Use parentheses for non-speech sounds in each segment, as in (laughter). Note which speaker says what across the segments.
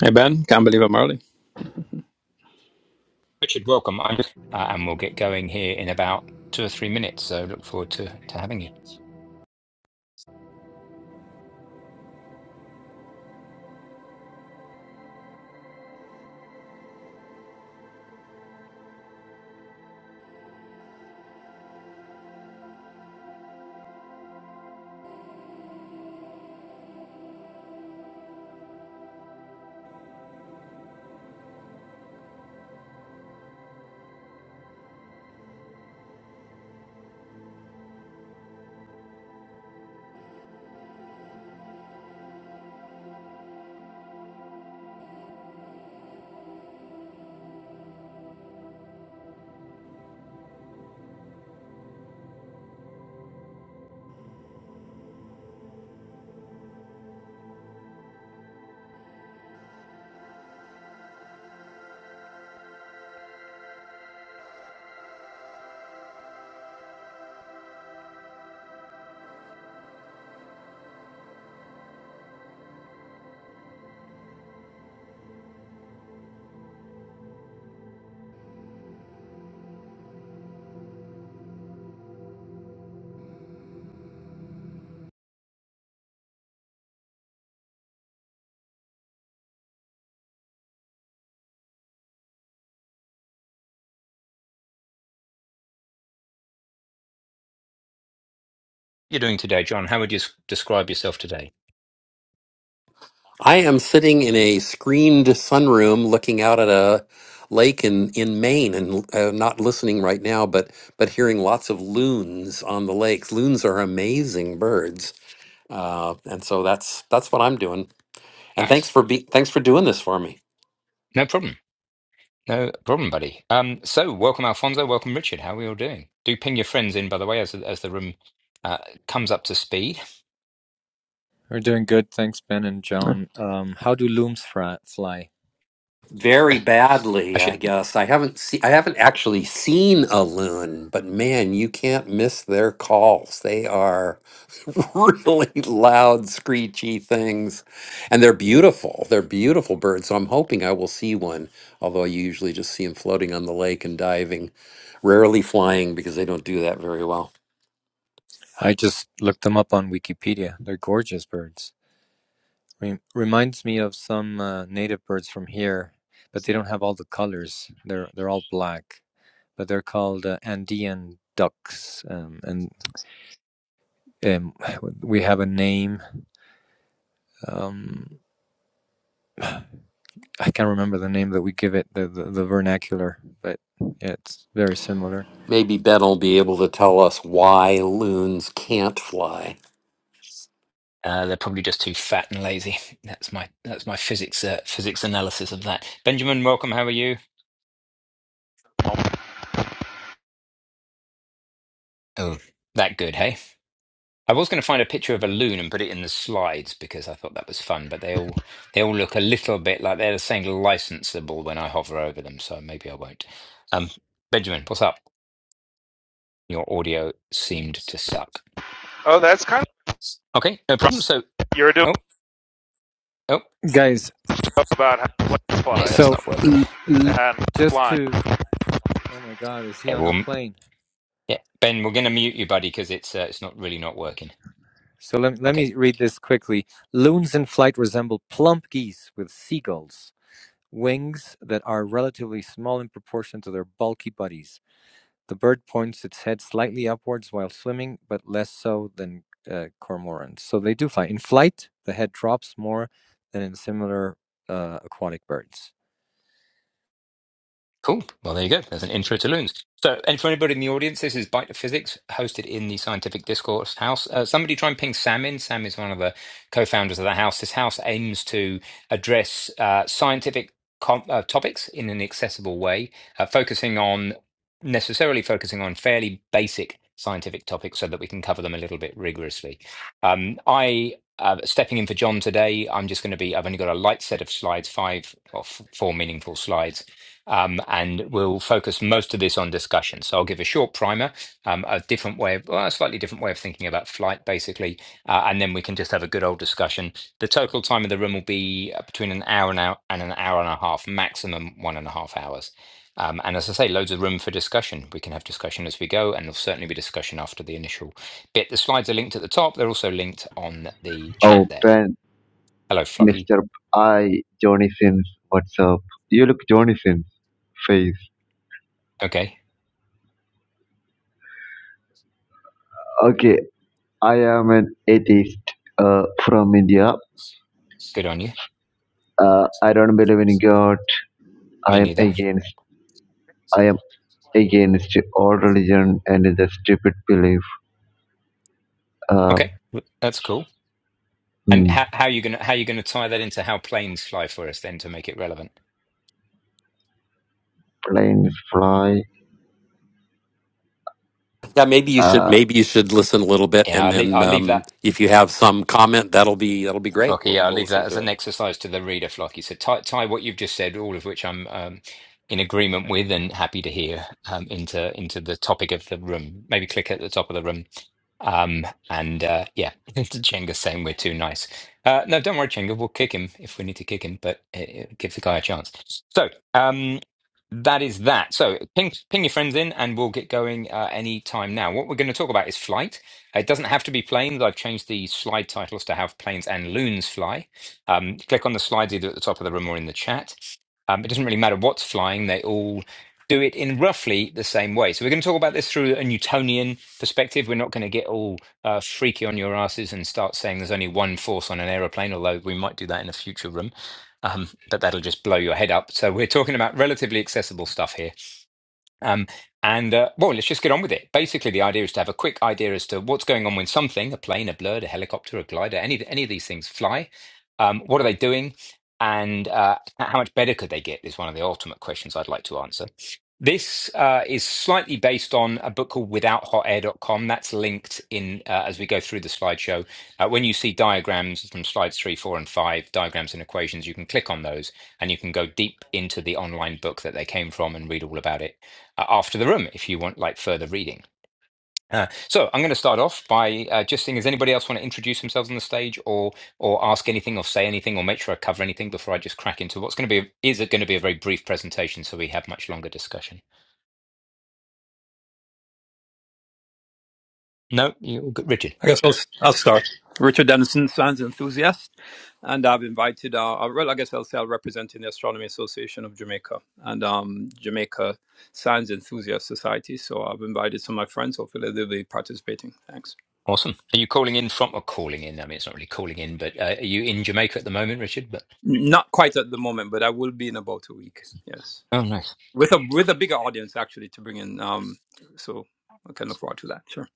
Speaker 1: Hey Ben, can't believe I'm early.
Speaker 2: Richard, welcome. I'm, uh, and we'll get going here in about two or three minutes. So look forward to, to having you. What You're doing today, John. How would you s- describe yourself today?
Speaker 3: I am sitting in a screened sunroom looking out at a lake in, in Maine and uh, not listening right now, but, but hearing lots of loons on the lake. Loons are amazing birds. Uh, and so that's, that's what I'm doing. And
Speaker 2: Nice.
Speaker 3: thanks for be, thanks for doing this for me.
Speaker 2: No problem. No problem, buddy. Um, so welcome, Alfonso. Welcome, Richard. How are we all doing? Do ping your friends in, by the way, as as the room uh, comes up to speed.
Speaker 4: We're doing good, thanks, Ben and
Speaker 1: Yeah.
Speaker 4: John. Um, how do looms fra- fly?
Speaker 3: Very badly,
Speaker 2: I
Speaker 3: I
Speaker 2: shouldn't.
Speaker 3: guess. I haven't see, I haven't actually seen a loon, but man, you can't miss their calls. They are (laughs) really loud, screechy things. And they're beautiful. They're beautiful birds. So I'm hoping I will see one, although I usually just see them floating on the lake and diving, rarely flying because they don't do that very well.
Speaker 4: I just looked them up on Wikipedia. They're gorgeous birds. Re- reminds me of some uh, native birds from here, but they don't have all the colors. They're they're all black, but they're called uh, Andean ducks, um, and um, we have a name. Um, I can't remember the name that we give it, the the, the vernacular, but yeah, it's very similar.
Speaker 3: Maybe Ben will be able to tell us why loons can't fly.
Speaker 2: Uh, they're probably just too fat and lazy. That's my that's my physics uh, physics analysis of that. Benjamin, welcome. How are you? Oh, that good, hey? I was going to find a picture of a loon and put it in the slides because I thought that was fun, but they all they all look a little bit like they're the same licensable when I hover over them, so maybe I won't. Um, Benjamin, what's up? Your audio seemed to suck.
Speaker 5: Oh, that's kind of
Speaker 2: Okay, no problem. So,
Speaker 5: what you're doing
Speaker 2: oh, oh,
Speaker 4: Guys,
Speaker 5: about how planes
Speaker 2: yeah,
Speaker 5: fly
Speaker 2: that's
Speaker 4: so
Speaker 2: not working.
Speaker 4: l- l-
Speaker 5: and
Speaker 4: just
Speaker 5: flying.
Speaker 4: to Oh my God, is he
Speaker 2: Yeah,
Speaker 4: on a
Speaker 2: well,
Speaker 4: plane?
Speaker 2: yeah, Ben, we're going to mute you, buddy, because it's uh, it's not really not working.
Speaker 4: So let, let
Speaker 2: Okay.
Speaker 4: me read this quickly. Loons in flight resemble plump geese with seagulls, wings that are relatively small in proportion to their bulky bodies. The bird points its head slightly upwards while swimming, but less so than uh, cormorants. So they do fly. In flight, the head drops more than in similar uh, aquatic birds.
Speaker 2: Cool. Well, there you go. There's an intro to loons. So, and for anybody in the audience, this is Bite of Physics, hosted in the Scientific Discourse House. Uh, somebody try and ping Sam in. Sam is one of the co-founders of the house. This house aims to address uh, scientific com- uh, topics in an accessible way, uh, focusing on necessarily focusing on fairly basic scientific topics, so that we can cover them a little bit rigorously. Um, I. Uh, stepping in for John today, I'm just going to be. I've only got a light set of slides, five or f- four meaningful slides um, and we'll focus most of this on discussion. So I'll give a short primer, um, a different way, of, well, a slightly different way of thinking about flight, basically, uh, and then we can just have a good old discussion. The total time of the room will be uh, between an hour and, hour and an hour and a half, maximum one and a half hours. Um, and as I say, loads of room for discussion. We can have discussion as we go, and there'll certainly be discussion after the initial bit. The slides are linked at the top. They're also linked on the chat
Speaker 6: Oh,
Speaker 2: there.
Speaker 6: Ben,
Speaker 2: Hello, Flocky.
Speaker 6: Mr. I, Johnny Sins, what's up? You look Johnny Sins face.
Speaker 2: Okay,
Speaker 6: Okay, I am an atheist uh, from India.
Speaker 2: good on you.
Speaker 6: Uh, I don't believe in God.
Speaker 2: Me
Speaker 6: I am
Speaker 2: neither.
Speaker 6: against. I am against all religion and the stupid belief. Uh,
Speaker 2: Okay, that's cool. And
Speaker 6: hmm,
Speaker 2: how, how are you gonna how you gonna tie that into how planes fly for us then to make it relevant?
Speaker 6: planes fly.
Speaker 3: Yeah, maybe you should.
Speaker 6: Uh.
Speaker 3: Maybe you should listen a little bit,
Speaker 2: Yeah,
Speaker 3: and
Speaker 2: I'll leave,
Speaker 3: then
Speaker 2: I'll leave
Speaker 3: um,
Speaker 2: that.
Speaker 3: if you have some comment, that'll be that'll be great.
Speaker 2: Flocky,
Speaker 3: We'll
Speaker 2: yeah, I'll
Speaker 3: we'll
Speaker 2: leave
Speaker 3: listen
Speaker 2: that as
Speaker 3: to
Speaker 2: an
Speaker 3: it.
Speaker 2: exercise to the reader, Flocky. So tie, tie what you've just said, all of which I'm um, in agreement with and happy to hear, um, into into the topic of the room. Maybe click at the top of the room. Um, and uh, yeah, (laughs) Chenga's saying we're too nice. Uh, no, don't worry, Chenga. We'll kick him if we need to kick him, but uh uh, give the guy a chance. So um, that is that. So ping, ping your friends in, and we'll get going uh, any time now. What we're going to talk about is flight it doesn't have to be planes. I've changed the slide titles to have planes and loons fly. Um, click on the slides either at the top of the room or in the chat. Um, it doesn't really matter what's flying, they all do it in roughly the same way. So we're going to talk about this through a Newtonian perspective. We're not going to get all uh, freaky on your asses and start saying there's only one force on an aeroplane, although we might do that in a future room. Um, but that'll just blow your head up. So we're talking about relatively accessible stuff here um, and uh, well, let's just get on with it. Basically, the idea is to have a quick idea as to what's going on when something, a plane, a bird, a helicopter, a glider, any, any of these things fly. Um, what are they doing? And uh, how much better could they get is one of the ultimate questions I'd like to answer. This uh, is slightly based on a book called Without Hot Air dot com. That's linked in uh, as we go through the slideshow. Uh, when you see diagrams from slides three, four, and five, diagrams and equations, you can click on those and you can go deep into the online book that they came from and read all about it uh, after the room if you want like further reading. Uh, so I'm going to start off by uh, just seeing does anybody else want to introduce themselves on the stage or or ask anything or say anything or make sure I cover anything before I just crack into what's going to be is it going to be a very brief presentation so we have much longer discussion. No, you Richard.
Speaker 1: I guess I'll, I'll start. Richard Dennison, science enthusiast, and I've invited. Uh, uh, well, I guess I'll say I'm representing the Astronomy Association of Jamaica and um, Jamaica Science Enthusiast Society. So I've invited some of my friends. Hopefully they'll be participating. Thanks.
Speaker 2: Awesome. Are you calling in from or calling in? I mean, it's not really calling in, but uh, are you in Jamaica at the moment, Richard? But
Speaker 1: Not quite at the moment, but I will be in about a week. Yes,
Speaker 2: oh, nice,
Speaker 1: with a
Speaker 2: cool,
Speaker 1: with a bigger audience actually to bring in. Um, so I can look forward to that. Sure.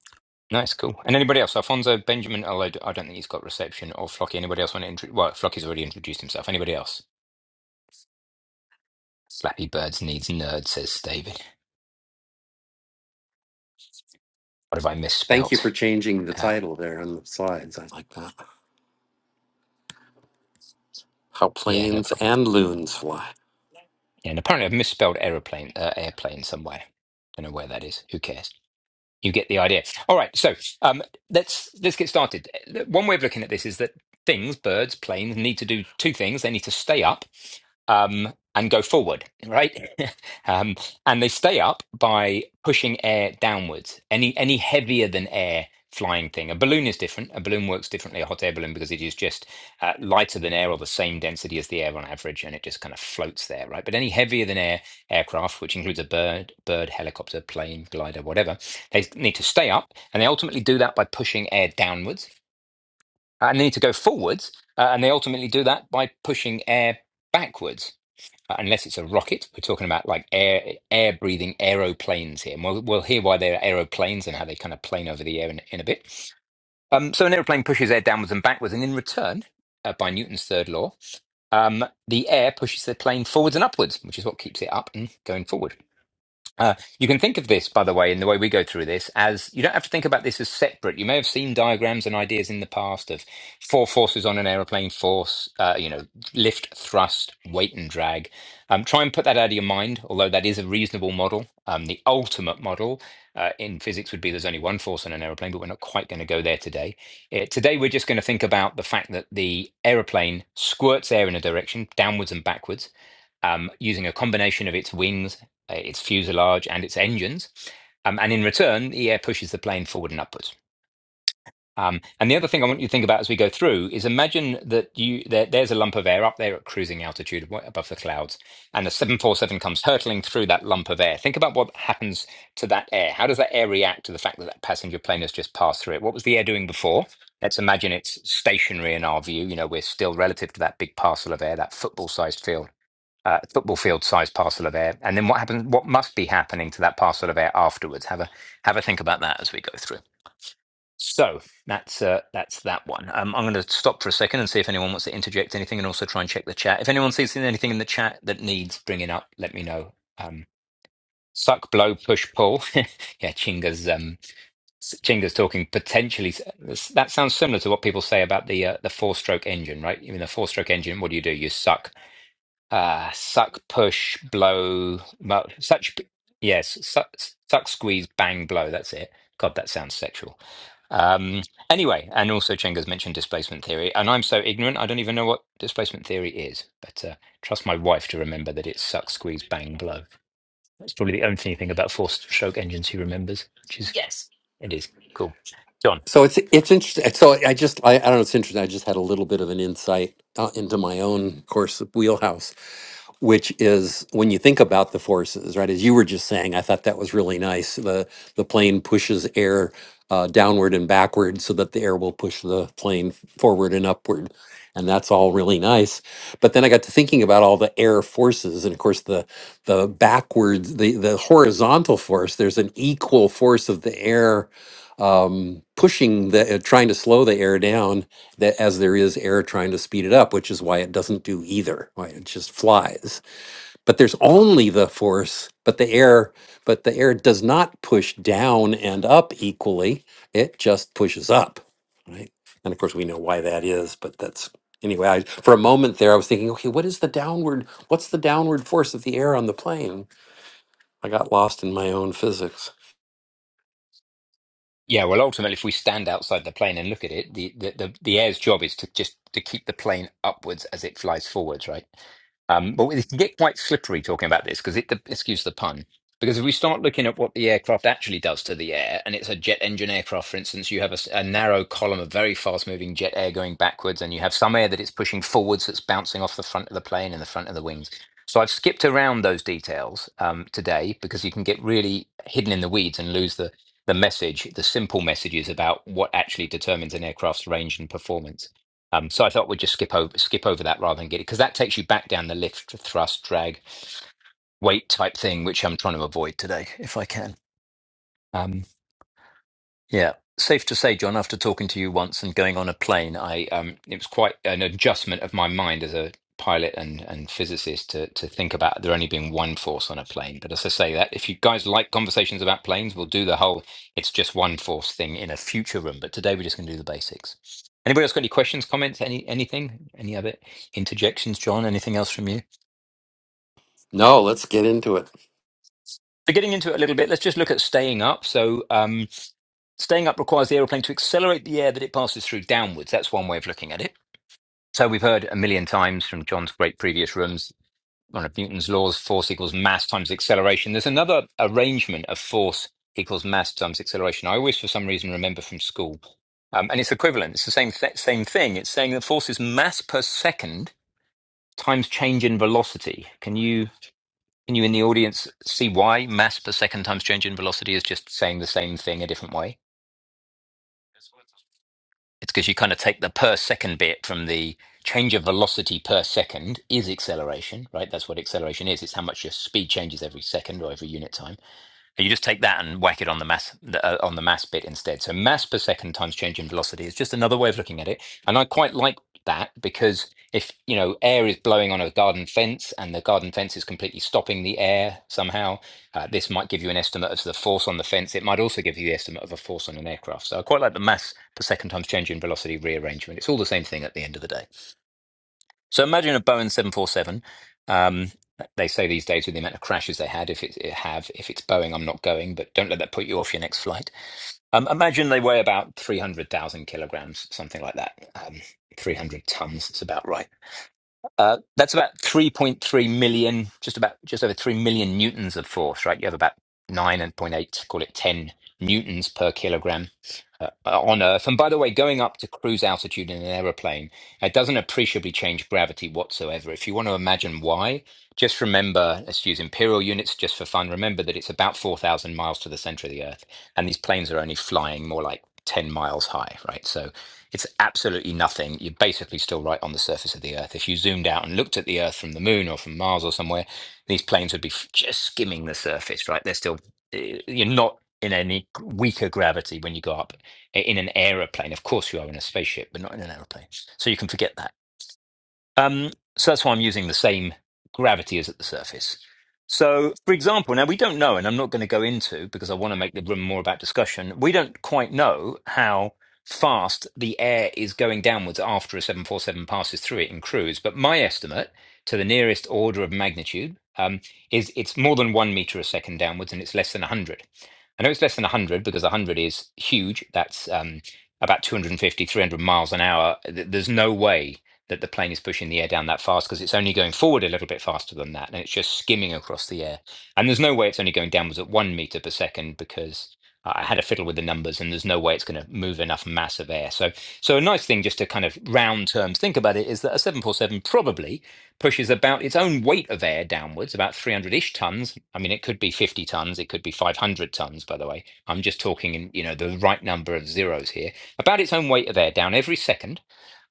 Speaker 2: nice, cool. And anybody else? Alfonso Benjamin. Although I don't think he's got reception or Flocky. Anybody else want to introduce? Well, Flocky's already introduced himself. Anybody else? Flappy Birds needs nerd, says David. What have I
Speaker 3: Thank you for
Speaker 2: misspelt?
Speaker 3: changing the
Speaker 2: Uh,
Speaker 3: title there on the slides. I like that. How
Speaker 2: yeah, no
Speaker 3: planes
Speaker 2: problem.
Speaker 3: and loons fly.
Speaker 2: Yeah, and apparently I've misspelled aeroplane, uh, airplane somewhere. Don't know where that is. Who cares? You get the idea. All right, so um, let's let's get started. One way of looking at this is that things, birds, planes, need to do two things. They need to stay up um, and go forward, right? (laughs) um, and they stay up by pushing air downwards. Any any heavier than air flying thing. A balloon is different. A balloon works differently. A hot air balloon because it is just uh, lighter than air or the same density as the air on average, and it just kind of floats there, right? But any heavier than air aircraft, which includes a bird, bird, helicopter, plane, glider, whatever they need to stay up, and they ultimately do that by pushing air downwards. Uh, And they need to go forwards, uh, and they ultimately do that by pushing air backwards. Uh, unless it's a rocket, we're talking about like air air breathing aeroplanes here, and we'll we'll hear why they're aeroplanes and how they kind of plane over the air in, in a bit. Um, so an aeroplane pushes air downwards and backwards, and in return, uh, by Newton's third law, um, the air pushes the plane forwards and upwards, which is what keeps it up and going forward. Uh, you can think of this, by the way, in the way we go through this, as you don't have to think about this as separate. You may have seen diagrams and ideas in the past of four forces on an aeroplane force, uh, you know, lift, thrust, weight, and drag. Um, try and put that out of your mind, although that is a reasonable model. Um, the ultimate model uh, in physics would be there's only one force on an aeroplane, but we're not quite going to go there today. Uh, today, we're just going to think about the fact that the aeroplane squirts air in a direction, downwards and backwards um, using a combination of its wings uh, its fuselage, and its engines. Um, and in return, the air pushes the plane forward and upwards. Um, and the other thing I want you to think about as we go through is imagine that you there, there's a lump of air up there at cruising altitude above the clouds, and a 747 comes hurtling through that lump of air. Think about what happens to that air. How does that air react to the fact that that passenger plane has just passed through it? What was the air doing before? Let's imagine it's stationary in our view. You know, we're still relative to that big parcel of air, that football-sized field uh, football field sized parcel of air, and then what happens? What must be happening to that parcel of air afterwards? Have a have a think about that as we go through. So that's uh, that's that one. Um, I'm going to stop for a second and see if anyone wants to interject anything, and also try and check the chat. If anyone sees anything in the chat that needs bringing up, let me know. Um, suck, blow, push, pull. (laughs) yeah, Chinga's um, Chinga's talking potentially. That sounds similar to what people say about the uh, the four stroke engine, right? You mean the four stroke engine? What do you do? You suck uh, suck, push, blow, mu such, yes, suck, suck, squeeze, bang, blow. That's it. God, that sounds sexual. Um, anyway, and also Chenga's mentioned displacement theory, and I'm so ignorant, I don't even know what displacement theory is. But uh, trust my wife to remember that it's suck, squeeze, bang, blow. That's probably the only thing about four-stroke engines she remembers, which is it is cool. John.
Speaker 3: So it's it's interesting. So I just I, I don't know. It's interesting. I just had a little bit of an insight uh, into my own course of wheelhouse, which is when you think about the forces, right? As you were just saying, I thought that was really nice. The the plane pushes air uh, downward and backward so that the air will push the plane forward and upward, and that's all really nice. But then I got to thinking about all the air forces, and of course the the backwards the the horizontal force. There's an equal force of the air um, pushing the uh, trying to slow the air down that as there is air trying to speed it up which is why it doesn't do either why it just flies but there's only the force but the air but the air does not push down and up equally it just pushes up right and of course we know why that is but that's anyway I, for a moment there i was thinking okay what is the downward what's the downward force of the air on the plane i got lost in my own physics
Speaker 2: Yeah, well, ultimately, if we stand outside the plane and look at it, the, the, the, the air's job is to just to keep the plane upwards as it flies forwards, right? Um, but it can get quite slippery talking about this because it, the, excuse the pun, because if we start looking at what the aircraft actually does to the air, and it's a jet engine aircraft, for instance, you have a, s- a narrow column of very fast moving jet air going backwards, and you have some air that it's pushing forwards that's bouncing off the front of the plane and the front of the wings. So I've skipped around those details um, today because you can get really hidden in the weeds and lose the the message, the simple messages about what actually determines an aircraft's range and performance. Um, so I thought we'd just skip over skip over that rather than get it because that takes you back down the lift, thrust, drag, weight type thing, which I'm trying to avoid today if I can. Um, yeah. Safe to say, John, after talking to you once and going on a plane, I um, it was quite an adjustment of my mind as a pilot and, and physicist to to think about there only being one force on a plane. But as I say that, if you guys like conversations about planes, we'll do the whole it's just one force thing in a future room. But today we're just going to do the basics. Anybody else got any questions, comments, any anything, any other interjections, John? Anything else from you?
Speaker 3: no let's get into it
Speaker 2: So getting into it a little bit, let's just look at staying up. So. um, Staying up requires the aeroplane to accelerate the air that it passes through downwards. That's one way of looking at it. So we've heard a million times from John's great previous rooms, one of Newton's laws, force equals mass times acceleration. There's another arrangement of force equals mass times acceleration. I always, for some reason, remember from school. Um, and it's equivalent. It's the same, th- same thing. It's saying that force is mass per second times change in velocity. Can you, can you in the audience see why mass per second times change in velocity is just saying the same thing a different way? It's because you kind of take the per second bit from the change of velocity per second is acceleration, right? That's what acceleration is. It's how much your speed changes every second or every unit time. And you just take that and whack it on the mass uh, on the mass bit instead. So mass per second times change in velocity is just another way of looking at it, and I quite like that because if you know air is blowing on a garden fence and the garden fence is completely stopping the air somehow, uh, this might give you an estimate of the force on the fence. It might also give you the estimate of a force on an aircraft. So I quite like the mass per second times change in velocity rearrangement. It's all the same thing at the end of the day. So imagine a Boeing 747. Um, they say these days with the amount of crashes they had, if it, it have, if it's Boeing, I'm not going, but don't let that put you off your next flight. Um, imagine they weigh about 300,000 kilograms, something like that. Um, 300 tons, it's about right. Uh, that's about 3.3 million, just about just over 3 million newtons of force, right? You have about 9 and point eight, call it 10 newtons per kilogram uh, uh, on Earth. And by the way, going up to cruise altitude in an aeroplane, it doesn't appreciably change gravity whatsoever. If you want to imagine why, just remember, let's use imperial units just for fun. Remember that it's about 4,000 miles to the center of the Earth, and these planes are only flying more like 10 miles high, right? So it's absolutely nothing. You're basically still right on the surface of the Earth. If you zoomed out and looked at the Earth from the Moon or from Mars or somewhere, these planes would be f- just skimming the surface, right? They're still, eh, you're not in any g- weaker gravity when you go up i- in an aeroplane. Of course, you are in a spaceship, but not in an aeroplane. So you can forget that. Um, so that's why I'm using the same gravity as at the surface. So, for example, now we don't know, and I'm not going to go into because I want to make the room more about discussion. We don't quite know how fast the air is going downwards after a 747 passes through it in cruise. But my estimate to the nearest order of magnitude um, is it's more than one meter a second downwards and it's less than 100. I know it's less than 100 because 100 is huge. That's um, about 250, 300 miles an hour. Th- There's no way that the plane is pushing the air down that fast because it's only going forward a little bit faster than that and it's just skimming across the air. And there's no way it's only going downwards at one meter per second because I had a fiddle with the numbers and there's no way it's going to move enough mass of air. So, so a nice thing just to kind of round terms think about it is that a 747 probably pushes about its own weight of air downwards, about 300 ish tons. I mean, it could be 50 tons, it could be 500 tons, by the way. I'm just talking in, you know, the right number of zeros here. About its own weight of air down every second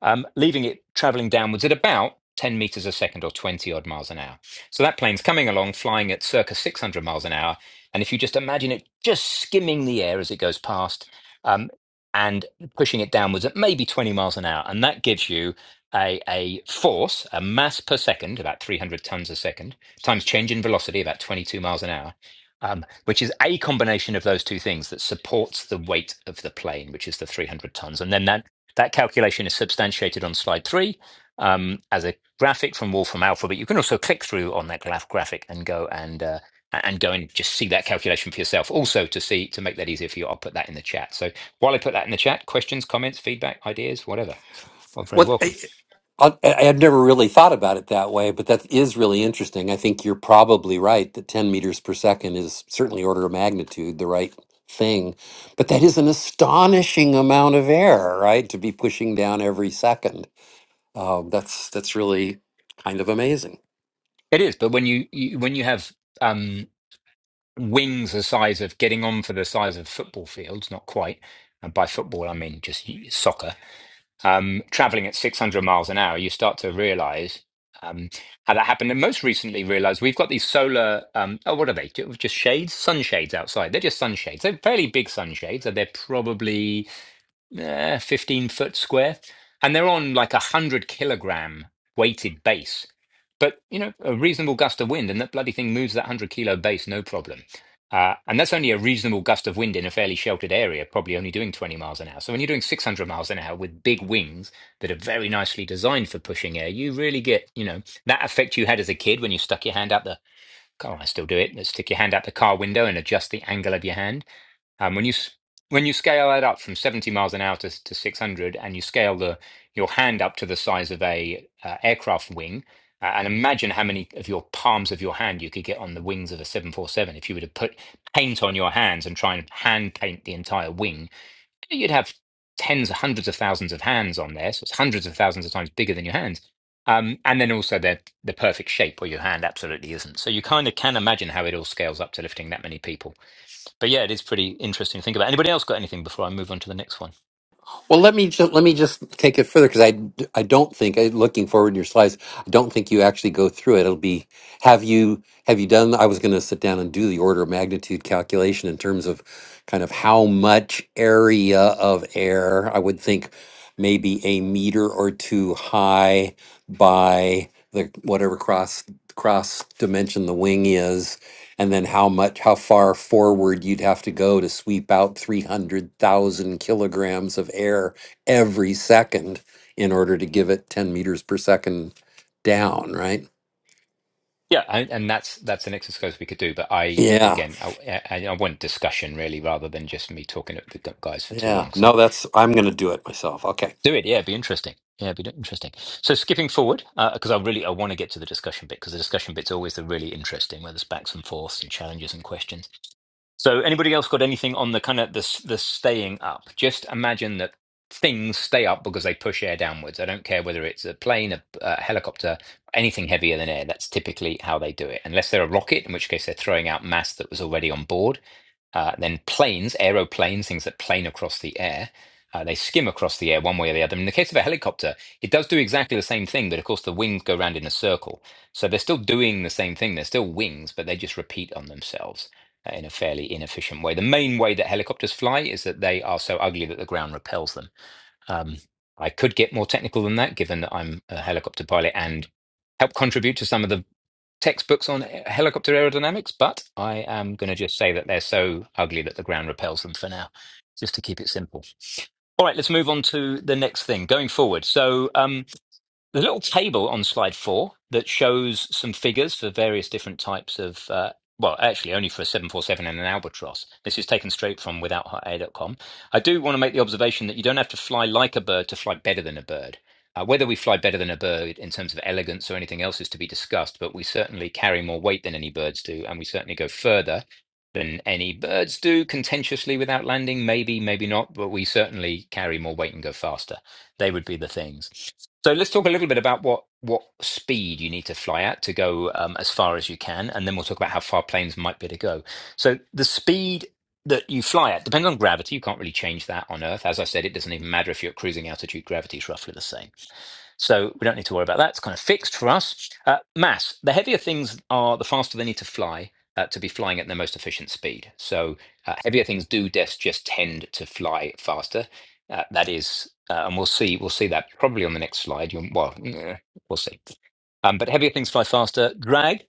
Speaker 2: um, leaving it traveling downwards at about 10 meters a second or 20 odd miles an hour. So that plane's coming along, flying at circa 600 miles an hour. And if you just imagine it just skimming the air as it goes past um, and pushing it downwards at maybe 20 miles an hour, and that gives you a, a force, a mass per second, about 300 tons a second, times change in velocity, about 22 miles an hour. Um, which is a combination of those two things that supports the weight of the plane, which is the 300 tons. And then that that calculation is substantiated on slide three um, as a graphic from Wolfram Alpha, but you can also click through on that graph graphic and go and uh, and go and just see that calculation for yourself. Also, to see to make that easier for you, I'll put that in the chat. So while I put that in the chat, questions, comments, feedback, ideas, whatever, well, very
Speaker 3: what
Speaker 2: welcome.
Speaker 3: I, I- I've never really thought about it that way, but that is really interesting. I think you're probably right that 10 meters per second is certainly order of magnitude the right thing. But that is an astonishing amount of air, right? To be pushing down every second. Um, that's that's really kind of amazing.
Speaker 2: It is, but when you, you when you have um, wings the size of getting on for the size of football fields, not quite. And by football, I mean just soccer um, traveling at 600 miles an hour, you start to realize um, how that happened. And most recently, realized we've got these solar, um, oh, what are they? Ju- Just shades? Sunshades outside. They're just sunshades. They're fairly big sunshades. So they're probably eh, 15 foot square, and they're on like a 100 kilogram weighted base. But, you know, a reasonable gust of wind, and that bloody thing moves that 100 kilo base, no problem. Uh, and that's only a reasonable gust of wind in a fairly sheltered area, probably only doing 20 miles an hour. So when you're doing 600 miles an hour with big wings that are very nicely designed for pushing air, you really get, you know, that effect you had as a kid when you stuck your hand out the car. I still do it. Let's stick your hand out the car window and adjust the angle of your hand um, when you s- when you scale that up from 70 miles an hour to, to 600, and you scale the your hand up to the size of a uh, aircraft wing, uh, and imagine how many of your palms of your hand you could get on the wings of a 747 if you were to put paint on your hands and try and hand paint the entire wing, you'd have tens, hundreds of thousands of hands on there. So it's hundreds of thousands of times bigger than your hands. Um, and then also the the perfect shape where your hand absolutely isn't. So you kind of can imagine how it all scales up to lifting that many people but yeah, it is pretty interesting to think about. Anybody else got anything before I move on to the next one?
Speaker 3: Well, let me just, let me just take it further because I I don't think I, looking forward to your slides. I don't think you actually go through it. It'll be have you have you done? I was going to sit down and do the order of magnitude calculation in terms of kind of how much area of air I would think maybe a meter or two high by the whatever cross cross dimension the wing is and then how much how far forward you'd have to go to sweep out 300,000 kilograms of air every second in order to give it 10 meters per second down right
Speaker 2: Yeah, I, and that's that's an exercise we could do. But I
Speaker 3: yeah
Speaker 2: again, I, I, I want discussion really rather than just me talking at the gu- guys for too
Speaker 3: yeah
Speaker 2: long. So
Speaker 3: no that's i'm going to do it myself okay
Speaker 2: do it. Yeah, it'd be interesting. Yeah, it'd be interesting. So skipping forward because I really I want to get to the discussion bit because the discussion bit's always the really interesting where there's backs and forths and challenges and questions. So, anybody else got anything on the kind of the s- the staying up? Just imagine that things stay up because they push air downwards. I don't care whether it's a plane, a, a helicopter, anything heavier than air. That's typically how they do it, unless they're a rocket, in which case they're throwing out mass that was already on board. Uh, then planes, aeroplanes, things that plane across the air. Uh, they skim across the air one way or the other. In the case of a helicopter, it does do exactly the same thing, but of course the wings go round in a circle. So they're still doing the same thing. They're still wings, but they just repeat on themselves uh, in a fairly inefficient way. The main way that helicopters fly is that they are so ugly that the ground repels them. Um, I could get more technical than that, given that I'm a helicopter pilot and help contribute to some of the textbooks on helicopter aerodynamics, but I am going to just say that they're so ugly that the ground repels them for now, just to keep it simple. All right, let's move on to the next thing going forward. So, um, there's a little table on slide four that shows some figures for various different types of, uh, well, actually only for a 747 and an albatross. This is taken straight from without hot air dot com. I do want to make the observation that you don't have to fly like a bird to fly better than a bird. Uh, whether we fly better than a bird in terms of elegance or anything else is to be discussed, but we certainly carry more weight than any birds do, and we certainly go further than any birds do contentiously without landing. Maybe, maybe not, but we certainly carry more weight and go faster. They would be the things. So let's talk a little bit about what what speed you need to fly at to go um, as far as you can, and then we'll talk about how far planes might be to go. So the speed that you fly at depends on gravity. You can't really change that on Earth. As I said, it doesn't even matter if you're at cruising altitude; gravity is roughly the same. So we don't need to worry about that. It's kind of fixed for us. Uh, mass. The heavier things are, the faster they need to fly uh, to be flying at their most efficient speed. So uh, heavier things do just just tend to fly faster. Uh, that is, uh, and we'll see. We'll see that probably on the next slide. You'll, well, eh, we'll see. Um, but heavier things fly faster. Drag.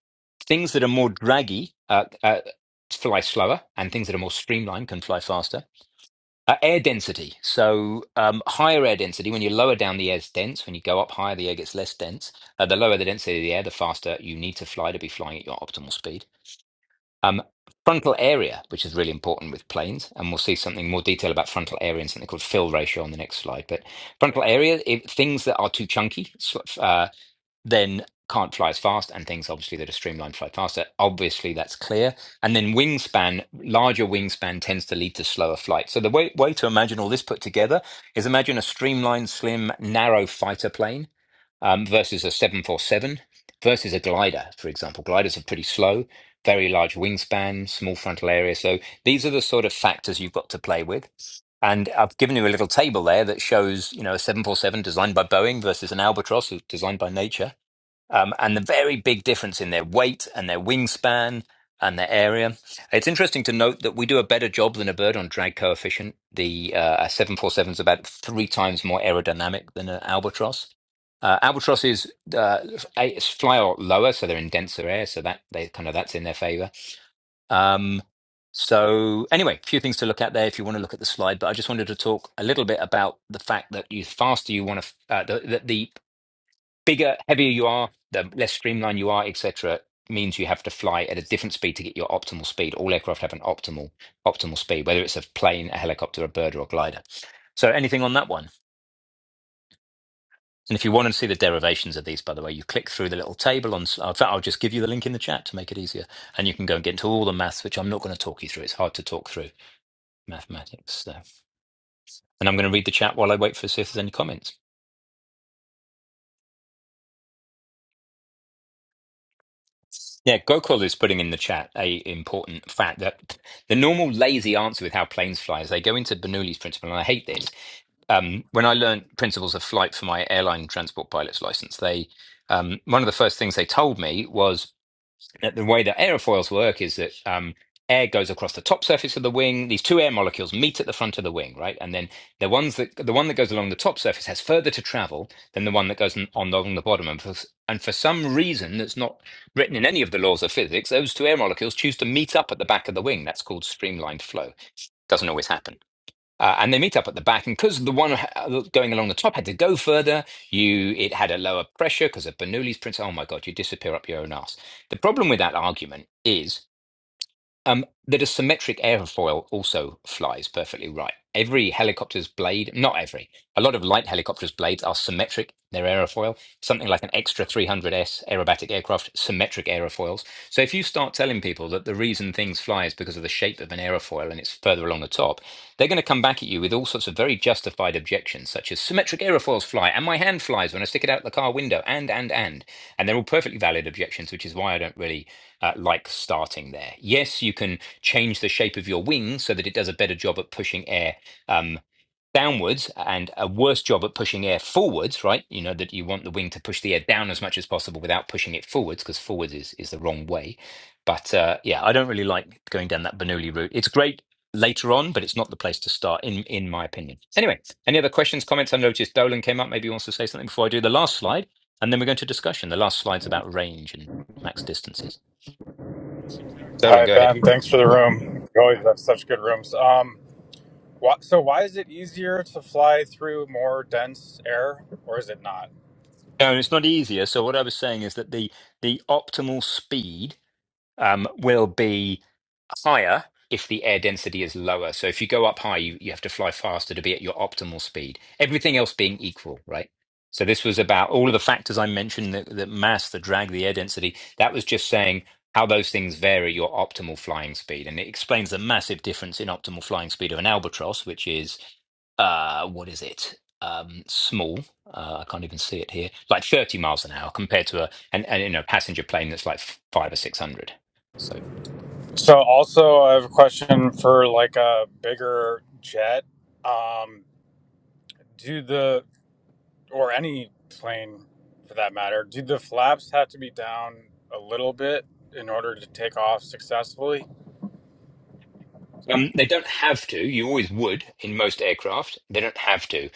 Speaker 2: Things that are more draggy uh, uh, fly slower, and things that are more streamlined can fly faster uh, air density. So um, higher air density, when you lower down, the air's dense. When you go up higher, the air gets less dense. Uh, the lower the density of the air, the faster you need to fly to be flying at your optimal speed. Um, frontal area, which is really important with planes, and we'll see something more detail about frontal area and something called fill ratio on the next slide. But frontal area, if, things that are too chunky, so- uh, then can't fly as fast, and things obviously that are streamlined fly faster. Obviously, that's clear. And then wingspan, larger wingspan tends to lead to slower flight. So the way, way to imagine all this put together is imagine a streamlined, slim, narrow fighter plane um, versus a 747 versus a glider, for example. Gliders are pretty slow, very large wingspan, small frontal area. So these are the sort of factors you've got to play with. And I've given you a little table there that shows, you know, a 747 designed by Boeing versus an Albatross designed by nature um, and the very big difference in their weight and their wingspan and their area. It's interesting to note that we do a better job than a bird on drag coefficient. The uh, 747 is about three times more aerodynamic than an albatross. Uh, albatrosses uh, a- fly a lot lower, so they're in denser air, so that they kind of that's in their favor. Um, so anyway, a few things to look at there if you want to look at the slide. But I just wanted to talk a little bit about the fact that you faster you want to uh, the, the, the bigger, heavier you are, the less streamlined you are, etc., means you have to fly at a different speed to get your optimal speed. All aircraft have an optimal optimal speed, whether it's a plane, a helicopter, a bird, or a glider. So, anything on that one? And if you want to see the derivations of these, by the way, you click through the little table on. In fact, I'll just give you the link in the chat to make it easier, and you can go and get into all the maths, which I'm not going to talk you through. It's hard to talk through mathematics. So. And I'm going to read the chat while I wait for see if there's any comments. Yeah, Gokul is putting in the chat a important fact that the normal lazy answer with how planes fly is they go into Bernoulli's principle, and I hate this. Um, when I learned principles of flight for my airline transport pilot's license, they um, one of the first things they told me was that the way that aerofoils work is that um, air goes across the top surface of the wing. These two air molecules meet at the front of the wing, right? And then the ones that the one that goes along the top surface has further to travel than the one that goes on, on along the bottom. And for, s- and for some reason that's not written in any of the laws of physics, those two air molecules choose to meet up at the back of the wing. That's called streamlined flow. Doesn't always happen uh, and they meet up at the back. And because the one uh, going along the top had to go further, you it had a lower pressure because of Bernoulli's principle. Oh my God, you disappear up your own ass. The problem with that argument is. Um, that a symmetric airfoil also flies perfectly right. Every helicopter's blade, not every, a lot of light helicopters' blades are symmetric, in their aerofoil, something like an extra three hundred s aerobatic aircraft, symmetric aerofoils. So if you start telling people that the reason things fly is because of the shape of an aerofoil and it's further along the top, they're going to come back at you with all sorts of very justified objections, such as symmetric aerofoils fly, and my hand flies when I stick it out the car window, and, and, and. And they're all perfectly valid objections, which is why I don't really uh, like starting there. Yes, you can change the shape of your wing so that it does a better job at pushing air um, downwards and a worse job at pushing air forwards, right? You know, that you want the wing to push the air down as much as possible without pushing it forwards because forwards is, is the wrong way. But uh, yeah, I don't really like going down that Bernoulli route. It's great later on, but it's not the place to start, in, in my opinion. Anyway, any other questions, comments? I noticed Dolan came up. Maybe he wants to say something before I do the last slide. And then we're going to discussion. The last slide's about range and max distances. Dolan,
Speaker 7: Hi,
Speaker 2: go ahead.
Speaker 7: Ben. Thanks for the room. You always have such good rooms. Um, wh- so why is it easier to fly through more dense air, or is it not?
Speaker 2: No, it's not easier. So what I was saying is that the the optimal speed um, will be. higher if the air density is lower. So if you go up high, you, you have to fly faster to be at your optimal speed, everything else being equal, right? So this was about all of the factors I mentioned the, the mass, the drag, the air density. That was just saying how those things vary your optimal flying speed. And it explains the massive difference in optimal flying speed of an albatross, which is uh, what is it? Um, small. Uh, I can't even see it here. Like 30 miles an hour compared to a, and, and you know, passenger plane that's like five or 600. So.
Speaker 7: So also, I have a question for like a bigger jet. Um, do the or any plane for that matter, do the flaps have to be down a little bit in order to take off successfully?
Speaker 2: Um, they don't have to. You always would in most aircraft. They don't have to.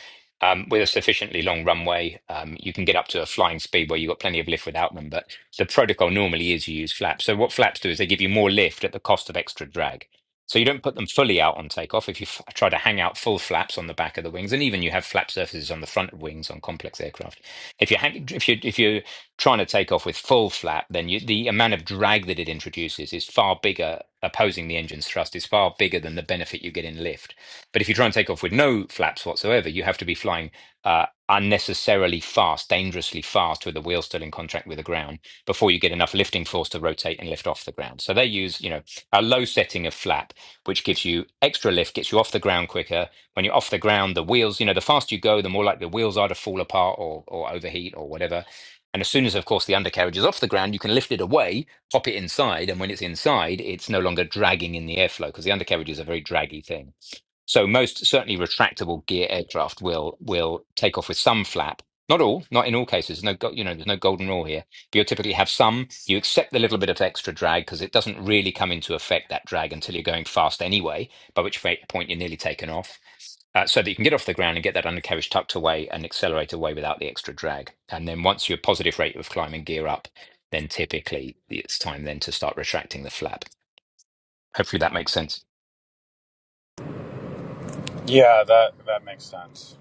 Speaker 2: Um, with a sufficiently long runway, um, you can get up to a flying speed where you've got plenty of lift without them. But the protocol normally is you use flaps. So what flaps do is they give you more lift at the cost of extra drag. So you don't put them fully out on takeoff. If you f- try to hang out full flaps on the back of the wings, and even you have flap surfaces on the front of wings on complex aircraft, if you hang, if you if you trying to take off with full flap, then you, the amount of drag that it introduces is far bigger. Opposing the engine's thrust is far bigger than the benefit you get in lift. But if you try and take off with no flaps whatsoever, you have to be flying uh, unnecessarily fast, dangerously fast, with the wheel still in contact with the ground before you get enough lifting force to rotate and lift off the ground. So they use, you know, a low setting of flap, which gives you extra lift, gets you off the ground quicker. When you're off the ground, the wheels, you know, the faster you go, the more likely the wheels are to fall apart or or overheat or whatever and as soon as, of course, the undercarriage is off the ground, you can lift it away, pop it inside, and when it's inside, it's no longer dragging in the airflow because the undercarriage is a very draggy thing. So most certainly retractable gear aircraft will will take off with some flap. Not all, not in all cases. No, go- you know, there's no golden rule here. But you'll typically have some. You accept the little bit of extra drag because it doesn't really come into effect that drag until you're going fast anyway. By which fa- point you're nearly taken off, uh, so that you can get off the ground and get that undercarriage tucked away and accelerate away without the extra drag. And then once your positive rate of climb and gear up, then typically it's time then to start retracting the flap. Hopefully that makes sense.
Speaker 7: Yeah, that that makes sense.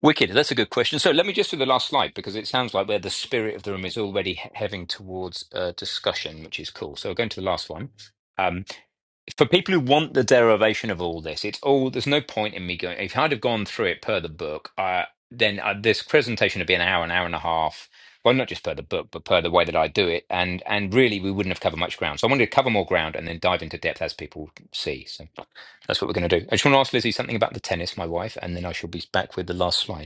Speaker 2: Wicked. That's a good question. So let me just do the last slide because it sounds like where the spirit of the room is already he- heading towards uh, discussion, which is cool. So going to the last one. Um, for people who want the derivation of all this, it's all there's no point in me going. If I'd have gone through it per the book, uh, then uh, this presentation would be an hour, an hour and a half. Well, not just per the book, but per the way that I do it, and and really we wouldn't have covered much ground. So I wanted to cover more ground and then dive into depth as people see. So that's what we're going to do. I just want to ask Lizzie something about the tennis, my wife, and then I shall be back with the last slide.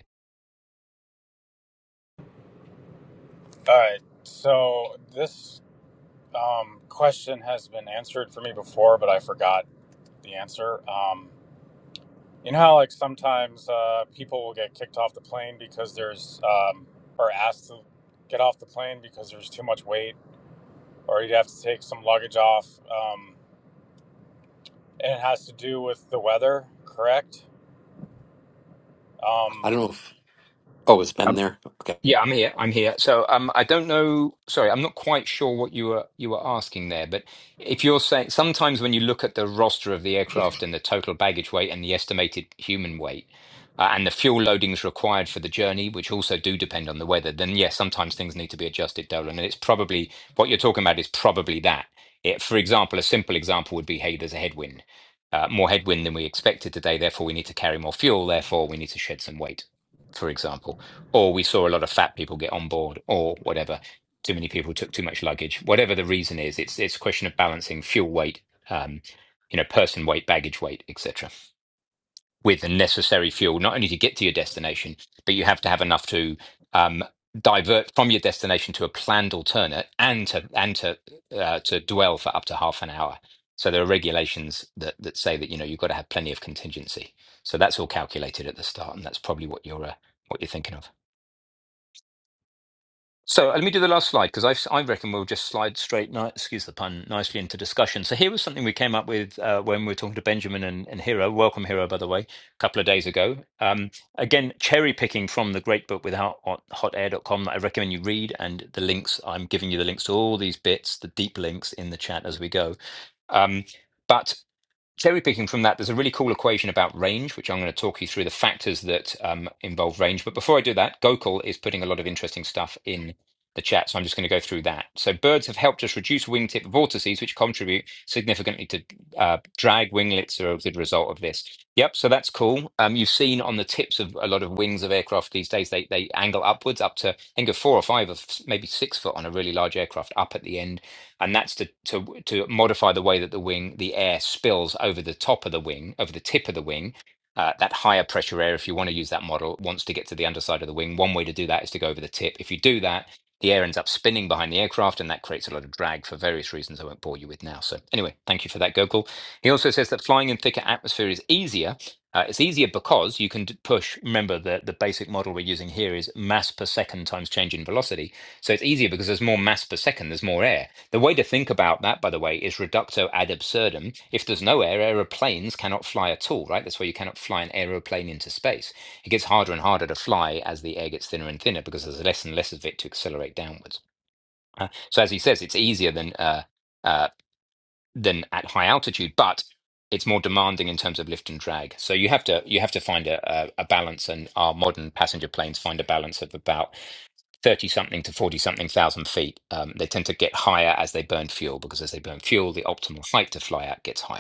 Speaker 7: All right. So this Um, question has been answered for me before, but I forgot the answer. Um, you know how like sometimes uh, people will get kicked off the plane because there's um, or asked to get off the plane because there's too much weight, or you'd have to take some luggage off, um, and it has to do with the weather, correct? Um,
Speaker 3: i don't know if oh it's been
Speaker 2: Um,
Speaker 3: there okay
Speaker 2: yeah, I'm here. I'm here. So, um, I don't know. Sorry, I'm not quite sure what you were you were asking there. But if you're saying sometimes when you look at the roster of the aircraft and the total baggage weight and the estimated human weight uh, and the fuel loadings required for the journey, which also do depend on the weather, then yes, sometimes things need to be adjusted, Dolan. And it's probably what you're talking about is probably that. It, for example, a simple example would be, hey, there's a headwind, uh, more headwind than we expected today. Therefore, we need to carry more fuel. Therefore, we need to shed some weight. For example or we saw a lot of fat people get on board, or whatever. Too many people took too much luggage. Whatever the reason is, it's it's a question of balancing fuel weight, um, you know, person weight, baggage weight, etc., with the necessary fuel not only to get to your destination, but you have to have enough to um, divert from your destination to a planned alternate and to and to uh, to dwell for up to half an hour. So there are regulations that that say that you know you've got to have plenty of contingency. So that's all calculated at the start, and that's probably what you're uh, what you're thinking of. So let me do the last slide because I, I reckon we'll just slide straight, ni- excuse the pun, nicely into discussion. So here was something we came up with uh, when we were talking to Benjamin and, and Hero. Welcome, Hero, by the way, a couple of days ago. Um, again, cherry picking from the great book without hot, hot Air dot com that I recommend you read. And the links, I'm giving you the links to all these bits, the deep links in the chat as we go. Um, but cherry picking from that, there's a really cool equation about range, which I'm going to talk you through the factors that um, involve range. But before I do that, Gokul is putting a lot of interesting stuff in the chat, so I'm just going to go through that. So birds have helped us reduce wingtip vortices, which contribute significantly to uh, drag winglets are a good result of this. Yep, so that's cool. Um, you've seen on the tips of a lot of wings of aircraft these days, they they angle upwards up to I think of four or five or maybe six foot on a really large aircraft up at the end and that's to to to modify the way that the wing the air spills over the top of the wing over the tip of the wing uh, that higher pressure air if you want to use that model wants to get to the underside of the wing one way to do that is to go over the tip if you do that the air ends up spinning behind the aircraft and that creates a lot of drag for various reasons i won't bore you with now so anyway thank you for that gokul he also says that flying in thicker atmosphere is easier uh, it's easier because you can push. Remember, the, the basic model we're using here is mass per second times change in velocity. So it's easier because there's more mass per second, there's more air. The way to think about that, by the way, is reducto ad absurdum. If there's no air, aeroplanes cannot fly at all, right? That's why you cannot fly an aeroplane into space. It gets harder and harder to fly as the air gets thinner and thinner because there's less and less of it to accelerate downwards. Uh, so as he says, it's easier than uh, uh, than at high altitude, but it's more demanding in terms of lift and drag. So you have to you have to find a, a, a balance, and our modern passenger planes find a balance of about 30 something to 40 something thousand feet, um, they tend to get higher as they burn fuel because as they burn fuel, the optimal height to fly at gets higher.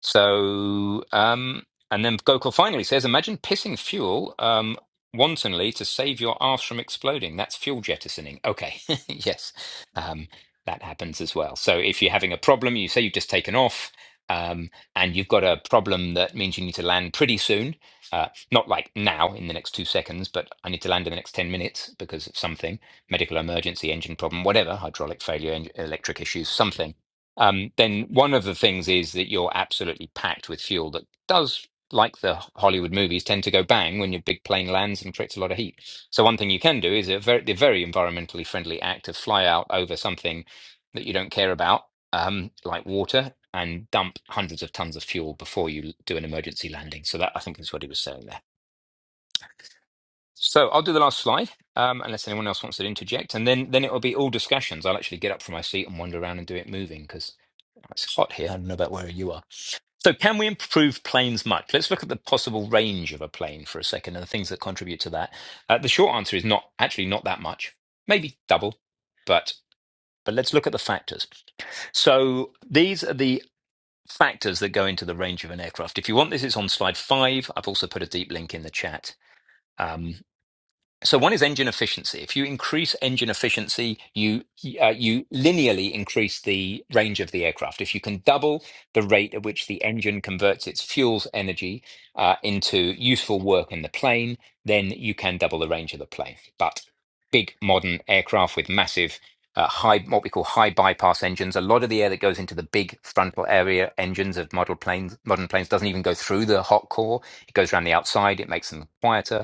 Speaker 2: So, um, and then Gokul finally says, imagine pissing fuel um, wantonly to save your arse from exploding. That's fuel jettisoning. Okay, (laughs) yes, um, that happens as well. So, if you're having a problem, you say you've just taken off um, and you've got a problem that means you need to land pretty soon. Uh, not like now in the next two seconds, but I need to land in the next 10 minutes because of something medical emergency, engine problem, whatever, hydraulic failure, en- electric issues, something um, then one of the things is that you're absolutely packed with fuel that does, like the Hollywood movies, tend to go bang when your big plane lands and creates a lot of heat. So one thing you can do is a very, the very environmentally friendly act of fly out over something that you don't care about, um, like water, and dump hundreds of tons of fuel before you l- do an emergency landing. So that I think is what he was saying there. So I'll do the last slide, um, unless anyone else wants to interject, and then then it will be all discussions. I'll actually get up from my seat and wander around and do it moving because it's hot here. I don't know about where you are. So, can we improve planes much? Let's look at the possible range of a plane for a second and the things that contribute to that. Uh, the short answer is not actually not that much, maybe double, but but let's look at the factors. So, these are the factors that go into the range of an aircraft. If you want this, it's on slide five. I've also put a deep link in the chat. Um, so one is engine efficiency. If you increase engine efficiency, you uh, you linearly increase the range of the aircraft. If you can double the rate at which the engine converts its fuel's energy uh, into useful work in the plane, then you can double the range of the plane. But big modern aircraft with massive uh, high, what we call high bypass engines. A lot of the air that goes into the big frontal area engines of model planes, modern planes, doesn't even go through the hot core. It goes around the outside. It makes them quieter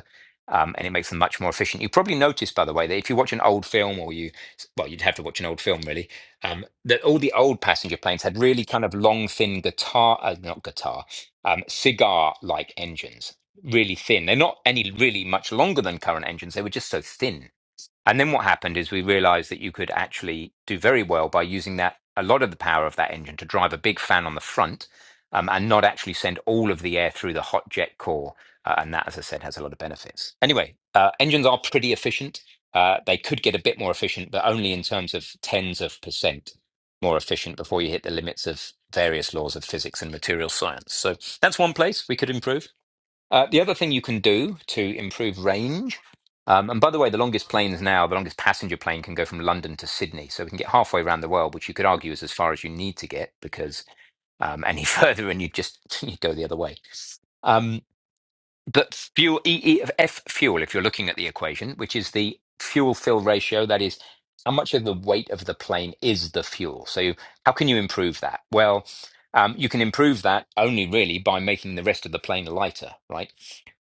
Speaker 2: um, and it makes them much more efficient. You probably noticed, by the way, that if you watch an old film, or you, well, you'd have to watch an old film really, um, that all the old passenger planes had really kind of long, thin guitar, uh, not guitar, um, cigar-like engines, really thin. They're not any really much longer than current engines. They were just so thin and then what happened is we realized that you could actually do very well by using that a lot of the power of that engine to drive a big fan on the front um, and not actually send all of the air through the hot jet core. Uh, and that, as I said, has a lot of benefits. Anyway, uh, engines are pretty efficient. Uh, they could get a bit more efficient, but only in terms of tens of percent more efficient before you hit the limits of various laws of physics and material science. So that's one place we could improve. Uh, the other thing you can do to improve range, um, and by the way, the longest planes now, the longest passenger plane can go from London to Sydney. So we can get halfway around the world, which you could argue is as far as you need to get because um, any (laughs) further and you just (laughs) you go the other way. Um, but fuel, E E of F fuel, if you're looking at the equation, which is the fuel fill ratio, that is how much of the weight of the plane is the fuel. So you- how can you improve that? Well, um, you can improve that only really by making the rest of the plane lighter, right?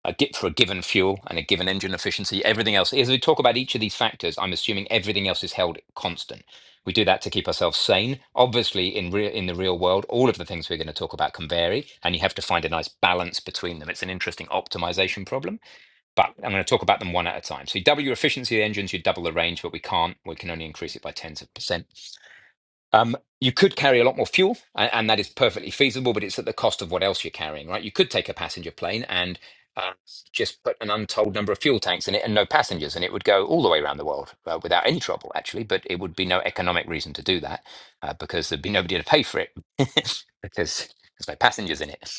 Speaker 2: uh, gi- for a given fuel and a given engine efficiency. Everything else, as we talk about each of these factors, I'm assuming everything else is held constant. We do that to keep ourselves sane. Obviously, in real in the real world, all of the things we're going to talk about can vary, and you have to find a nice balance between them. It's an interesting optimization problem, but I'm going to talk about them one at a time. So you double your efficiency of the engines, you double the range, but we can't. We can only increase it by tens of percent. Um, you could carry a lot more fuel, and, and that is perfectly feasible, but it's at the cost of what else you're carrying, right? You could take a passenger plane and uh, just put an untold number of fuel tanks in it and no passengers, and it would go all the way around the world uh, without any trouble, actually. But it would be no economic reason to do that uh, because there'd be nobody to pay for it (laughs) because there's no passengers in it.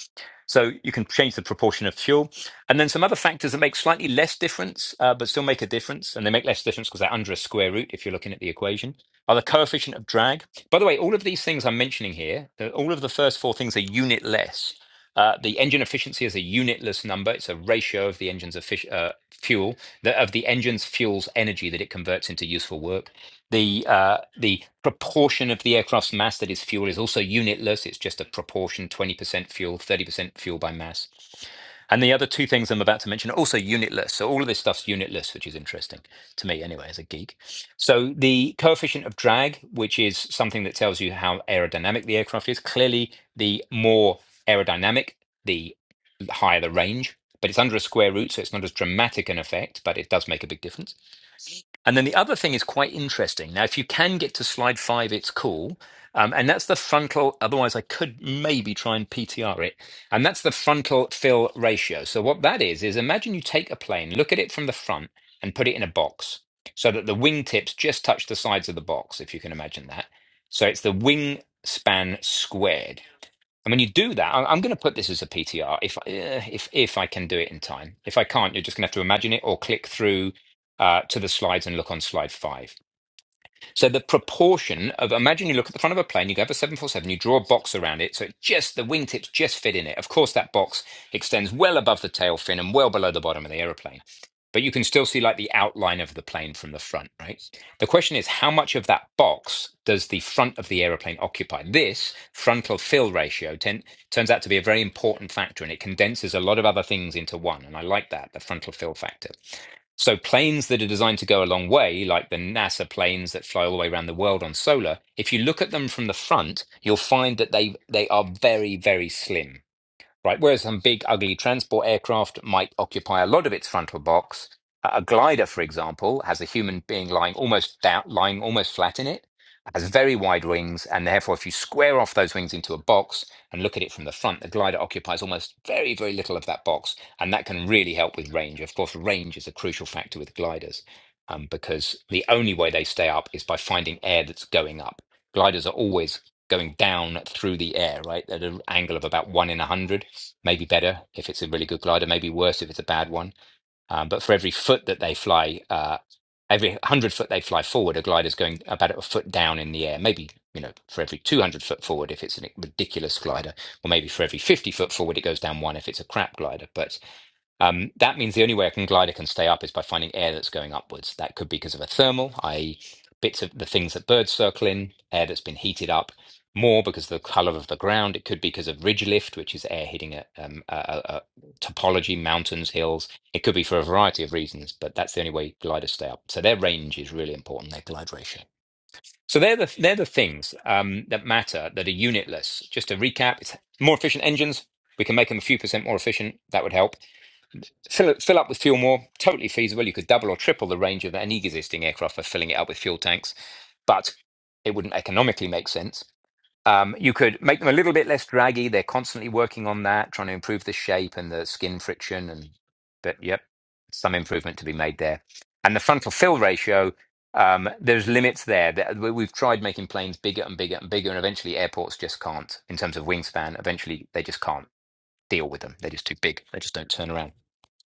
Speaker 2: So you can change the proportion of fuel, and then some other factors that make slightly less difference, uh, but still make a difference, and they make less difference because they're under a square root if you're looking at the equation. Are the coefficient of drag by the way, all of these things I'm mentioning here, the- all of the first four things are unitless. Uh, the engine efficiency is a unitless number. It's a ratio of the engine's effic- uh, fuel, the, of the engine's fuel's energy that it converts into useful work. The uh, the proportion of the aircraft's mass that is fuel is also unitless. It's just a proportion: twenty percent fuel, thirty percent fuel by mass. And the other two things I'm about to mention are also unitless. So all of this stuff's unitless, which is interesting to me anyway, as a geek. So the coefficient of drag, which is something that tells you how aerodynamic the aircraft is, clearly the more aerodynamic, the higher the range. But it's under a square root, so it's not as dramatic an effect, but it does make a big difference. And then the other thing is quite interesting. Now, if you can get to slide five, it's cool. Um, and that's the frontal, otherwise, I could maybe try and PTR it. And that's the frontal fill ratio. So, what that is, is imagine you take a plane, look at it from the front, and put it in a box so that the wingtips just touch the sides of the box, if you can imagine that. So, it's the wingspan squared. And when you do that, I- I'm going to put this as a PTR if eh, if if I can do it in time. If I can't, you're just going to have to imagine it or click through uh, to the slides and look on slide five. So the proportion of imagine you look at the front of a plane, you go for 747, you draw a box around it, so it just the wingtips just fit in it. Of course, that box extends well above the tail fin and well below the bottom of the aeroplane. But you can still see like the outline of the plane from the front, right? The question is, how much of that box does the front of the aeroplane occupy? This frontal fill ratio ten, turns out to be a very important factor and it condenses a lot of other things into one. And I like that, the frontal fill factor. So planes that are designed to go a long way, like the NASA planes that fly all the way around the world on solar, if you look at them from the front, you'll find that they they are very, very slim right? Whereas some big, ugly transport aircraft might occupy a lot of its frontal box. A a glider, for example, has a human being lying almost down, lying almost flat in it, has very wide wings, and therefore, if you square off those wings into a box and look at it from the front, the glider occupies almost very, very little of that box, and that can really help with range. Of course, range is a crucial factor with gliders um, because the only way they stay up is by finding air that's going up. Gliders are always going down through the air, right, at an angle of about one in a hundred maybe better if it's a really good glider, maybe worse if it's a bad one. Um, but for every foot that they fly, uh, every 100 foot they fly forward, a glider's going about a foot down in the air. Maybe, you know, for every 200 foot forward if it's a ridiculous glider, or maybe for every 50 foot forward it goes down one if it's a crap glider. But um, that means the only way a glider can stay up is by finding air that's going upwards. That could be because of a thermal, i.e., bits of the things that birds circle in, air that's been heated up more because of the color of the ground. It could be because of ridge lift, which is air hitting a, um, a, a, a topology, mountains, hills. It could be for a variety of reasons, but that's the only way gliders stay up. So their range is really important, their glide ratio. So they're the they're the things um, that matter that are unitless. Just to recap, it's more efficient engines. We can make them a few percent more efficient. That would help Fill, it- fill up with fuel more, totally feasible. You could double or triple the range of any existing aircraft by filling it up with fuel tanks, but it wouldn't economically make sense. Um, you could make them a little bit less draggy. They're constantly working on that, trying to improve the shape and the skin friction. And but yep, some improvement to be made there. And the frontal fill ratio, um, there's limits there. That- we- We've tried making planes bigger and bigger and bigger, and eventually airports just can't in terms of wingspan. Eventually, they just can't deal with them. They're just too big. They just don't turn around.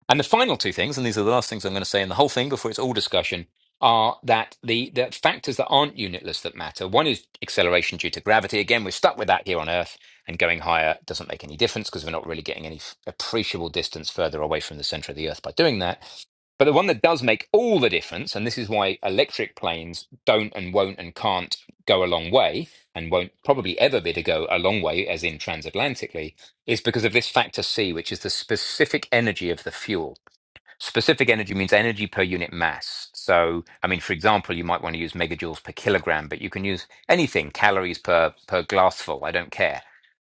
Speaker 2: And the final two things, and these are the last things I'm going to say in the whole thing before it's all discussion, are that the, the factors that aren't unitless that matter. One is acceleration due to gravity. Again, we're stuck with that here on Earth, and going higher doesn't make any difference because we're not really getting any f- appreciable distance further away from the center of the Earth by doing that. But the one that does make all the difference, and this is why electric planes don't and won't and can't go a long way, and won't probably ever be to go a long way, as in transatlantically, is because of this factor C, which is the specific energy of the fuel. Specific energy means energy per unit mass. So, I mean, for example, you might want to use megajoules per kilogram, but you can use anything, calories per per glassful. I don't care,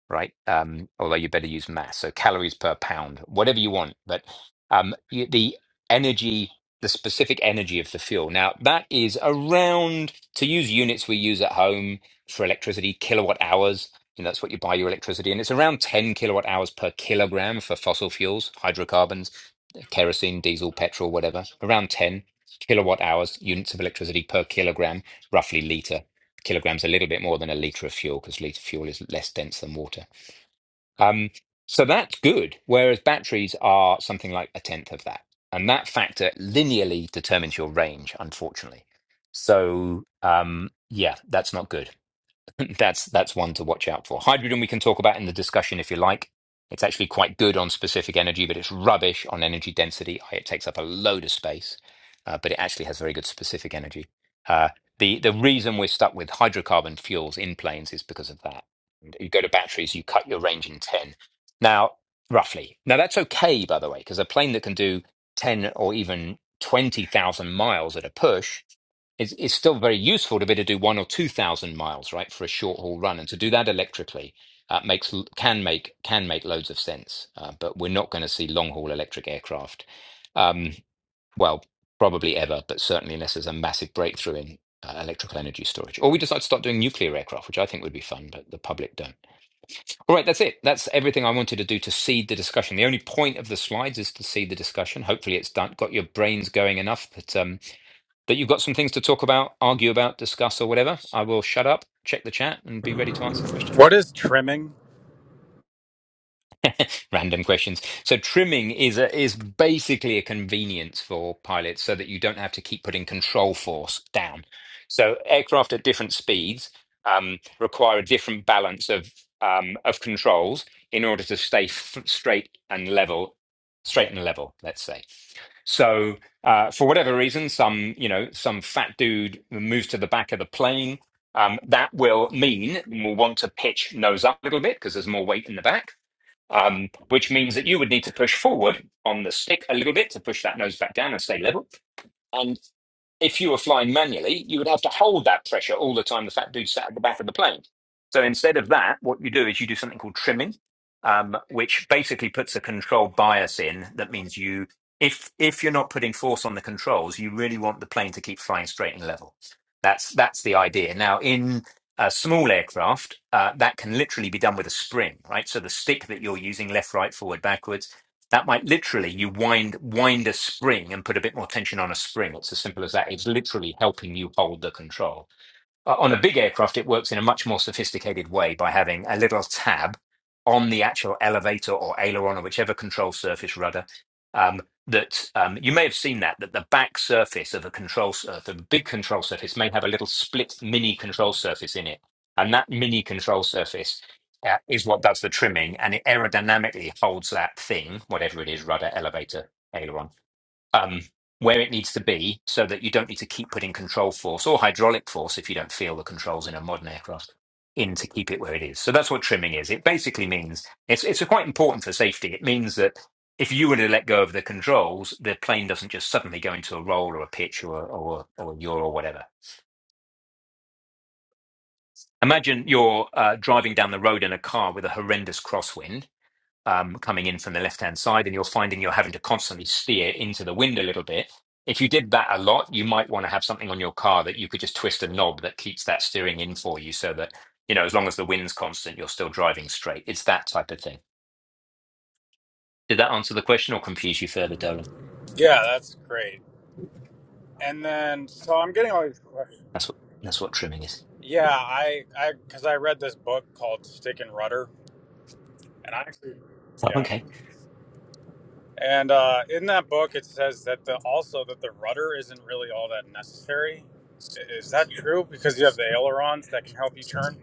Speaker 2: right? Um, although you better use mass. So calories per pound, whatever you want. But um, y- the energy, the specific energy of the fuel. Now that is around to use units we use at home for electricity, kilowatt hours. You know, that's what you buy your electricity, and it's around 10 kilowatt hours per kilogram for fossil fuels, hydrocarbons kerosene, diesel, petrol, whatever, around 10 kilowatt hours units of electricity per kilogram, roughly liter. Kilograms a little bit more than a liter of fuel because liter fuel is less dense than water. Um, so that's good. Whereas batteries are something like a tenth of that, and that factor linearly determines your range, unfortunately. So um, yeah, that's not good. (laughs) That's that's one to watch out for. Hydrogen we can talk about in the discussion if you like. It's actually quite good on specific energy, but it's rubbish on energy density. It takes up a load of space, uh, but it actually has very good specific energy. Uh, the the reason we're stuck with hydrocarbon fuels in planes is because of that. You go to batteries, you cut your range in ten. Now, roughly. Now that's okay, by the way, because a plane that can do ten or even twenty thousand miles at a push it's, it's still very useful to be able to do one or two thousand miles, right, for a short haul run, and to do that electrically uh, makes can make can make loads of sense. Uh, but we're not going to see long haul electric aircraft, um, well, probably ever, but certainly unless there's a massive breakthrough in uh, electrical energy storage, or we decide to start doing nuclear aircraft, which I think would be fun, but the public don't. All right, that's it. That's everything I wanted to do to seed the discussion. The only point of the slides is to seed the discussion. Hopefully, it's done, got your brains going enough that. Um, but you've got some things to talk about, argue about, discuss, or whatever. I will shut up, check the chat, and be ready to answer
Speaker 7: what
Speaker 2: questions.
Speaker 7: is trimming?
Speaker 2: Random questions. So trimming is a, is basically a convenience for pilots, so that you don't have to keep putting control force down. So aircraft at different speeds um, require a different balance of um, of controls in order to stay f- straight and level, straight and level. Let's say. So uh, for whatever reason, some you know some fat dude moves to the back of the plane. Um, that will mean we'll want to pitch nose up a little bit because there's more weight in the back, um, which means that you would need to push forward on the stick a little bit to push that nose back down and stay level. And if you were flying manually, you would have to hold that pressure all the time the fat dude sat at the back of the plane. So instead of that, what you do is you do something called trimming, um, which basically puts a control bias in. That means you, if if you're not putting force on the controls, you really want the plane to keep flying straight and level. That's that's the idea. Now in a small aircraft, uh, that can literally be done with a spring, right? So the stick that you're using, left, right, forward, backwards that might literally you wind wind a spring and put a bit more tension on a spring. It's as simple as that. It's literally helping you hold the control uh, on a big aircraft, it works in a much more sophisticated way by having a little tab on the actual elevator or aileron or whichever control surface rudder. Um, that um, you may have seen that that the back surface of a control surface, a big control surface, may have a little split mini control surface in it, and that mini control surface uh, is what does the trimming, and it aerodynamically holds that thing, whatever it is, rudder, elevator, aileron um, where it needs to be so that you don't need to keep putting control force or hydraulic force if you don't feel the controls in a modern aircraft in to keep it where it is. So that's what trimming is. It basically means it's it's quite important for safety. It means that if you were to let go of the controls, the plane doesn't just suddenly go into a roll or a pitch or or or a yaw or whatever. Imagine you're uh, driving down the road in a car with a horrendous crosswind um, coming in from the left hand side and you're finding you're having to constantly steer into the wind a little bit. If you did that a lot, you might want to have something on your car that you could just twist a knob that keeps that steering in for you so that, you know, as long as the wind's constant, you're still driving straight. It's that type of thing. Did that answer the question or confuse you further, Dolan?
Speaker 7: Yeah, that's great. And then so I'm getting all these questions.
Speaker 2: That's what that's what trimming is.
Speaker 7: Yeah, I I because I read this book called Stick and Rudder, and I actually.
Speaker 2: So,
Speaker 7: Yeah.
Speaker 2: okay.
Speaker 7: And uh, in that book, it says that the also that the rudder isn't really all that necessary. I- Is that true? Because you have the ailerons that can help you turn.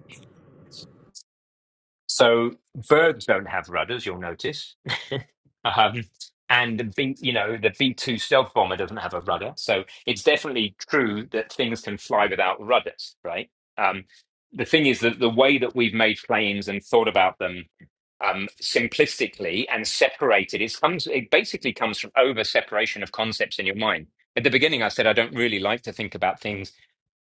Speaker 2: So birds don't have rudders, you'll notice. (laughs) um, and the B, you know, the B two stealth bomber doesn't have a rudder, so it's definitely true that things can fly without rudders, right? Um, the thing is that the way that we've made planes and thought about them um, simplistically and separated, it comes, it basically comes from over separation of concepts in your mind. At the beginning, I said I don't really like to think about things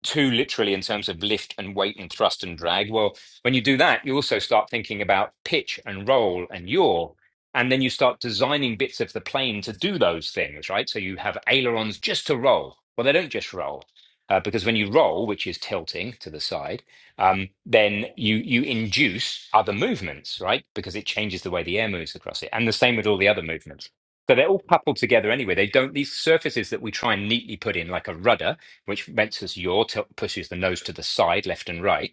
Speaker 2: too literally in terms of lift and weight and thrust and drag. Well, when you do that, you also start thinking about pitch and roll and yaw. And then you start designing bits of the plane to do those things, right? So you have ailerons just to roll. Well, they don't just roll. Uh, because when you roll, which is tilting to the side, um, then you you induce other movements, right? Because it changes the way the air moves across it, and the same with all the other movements. So they're all coupled together anyway. They don't these surfaces that we try and neatly put in, like a rudder, which makes us yaw, t- pushes the nose to the side, left and right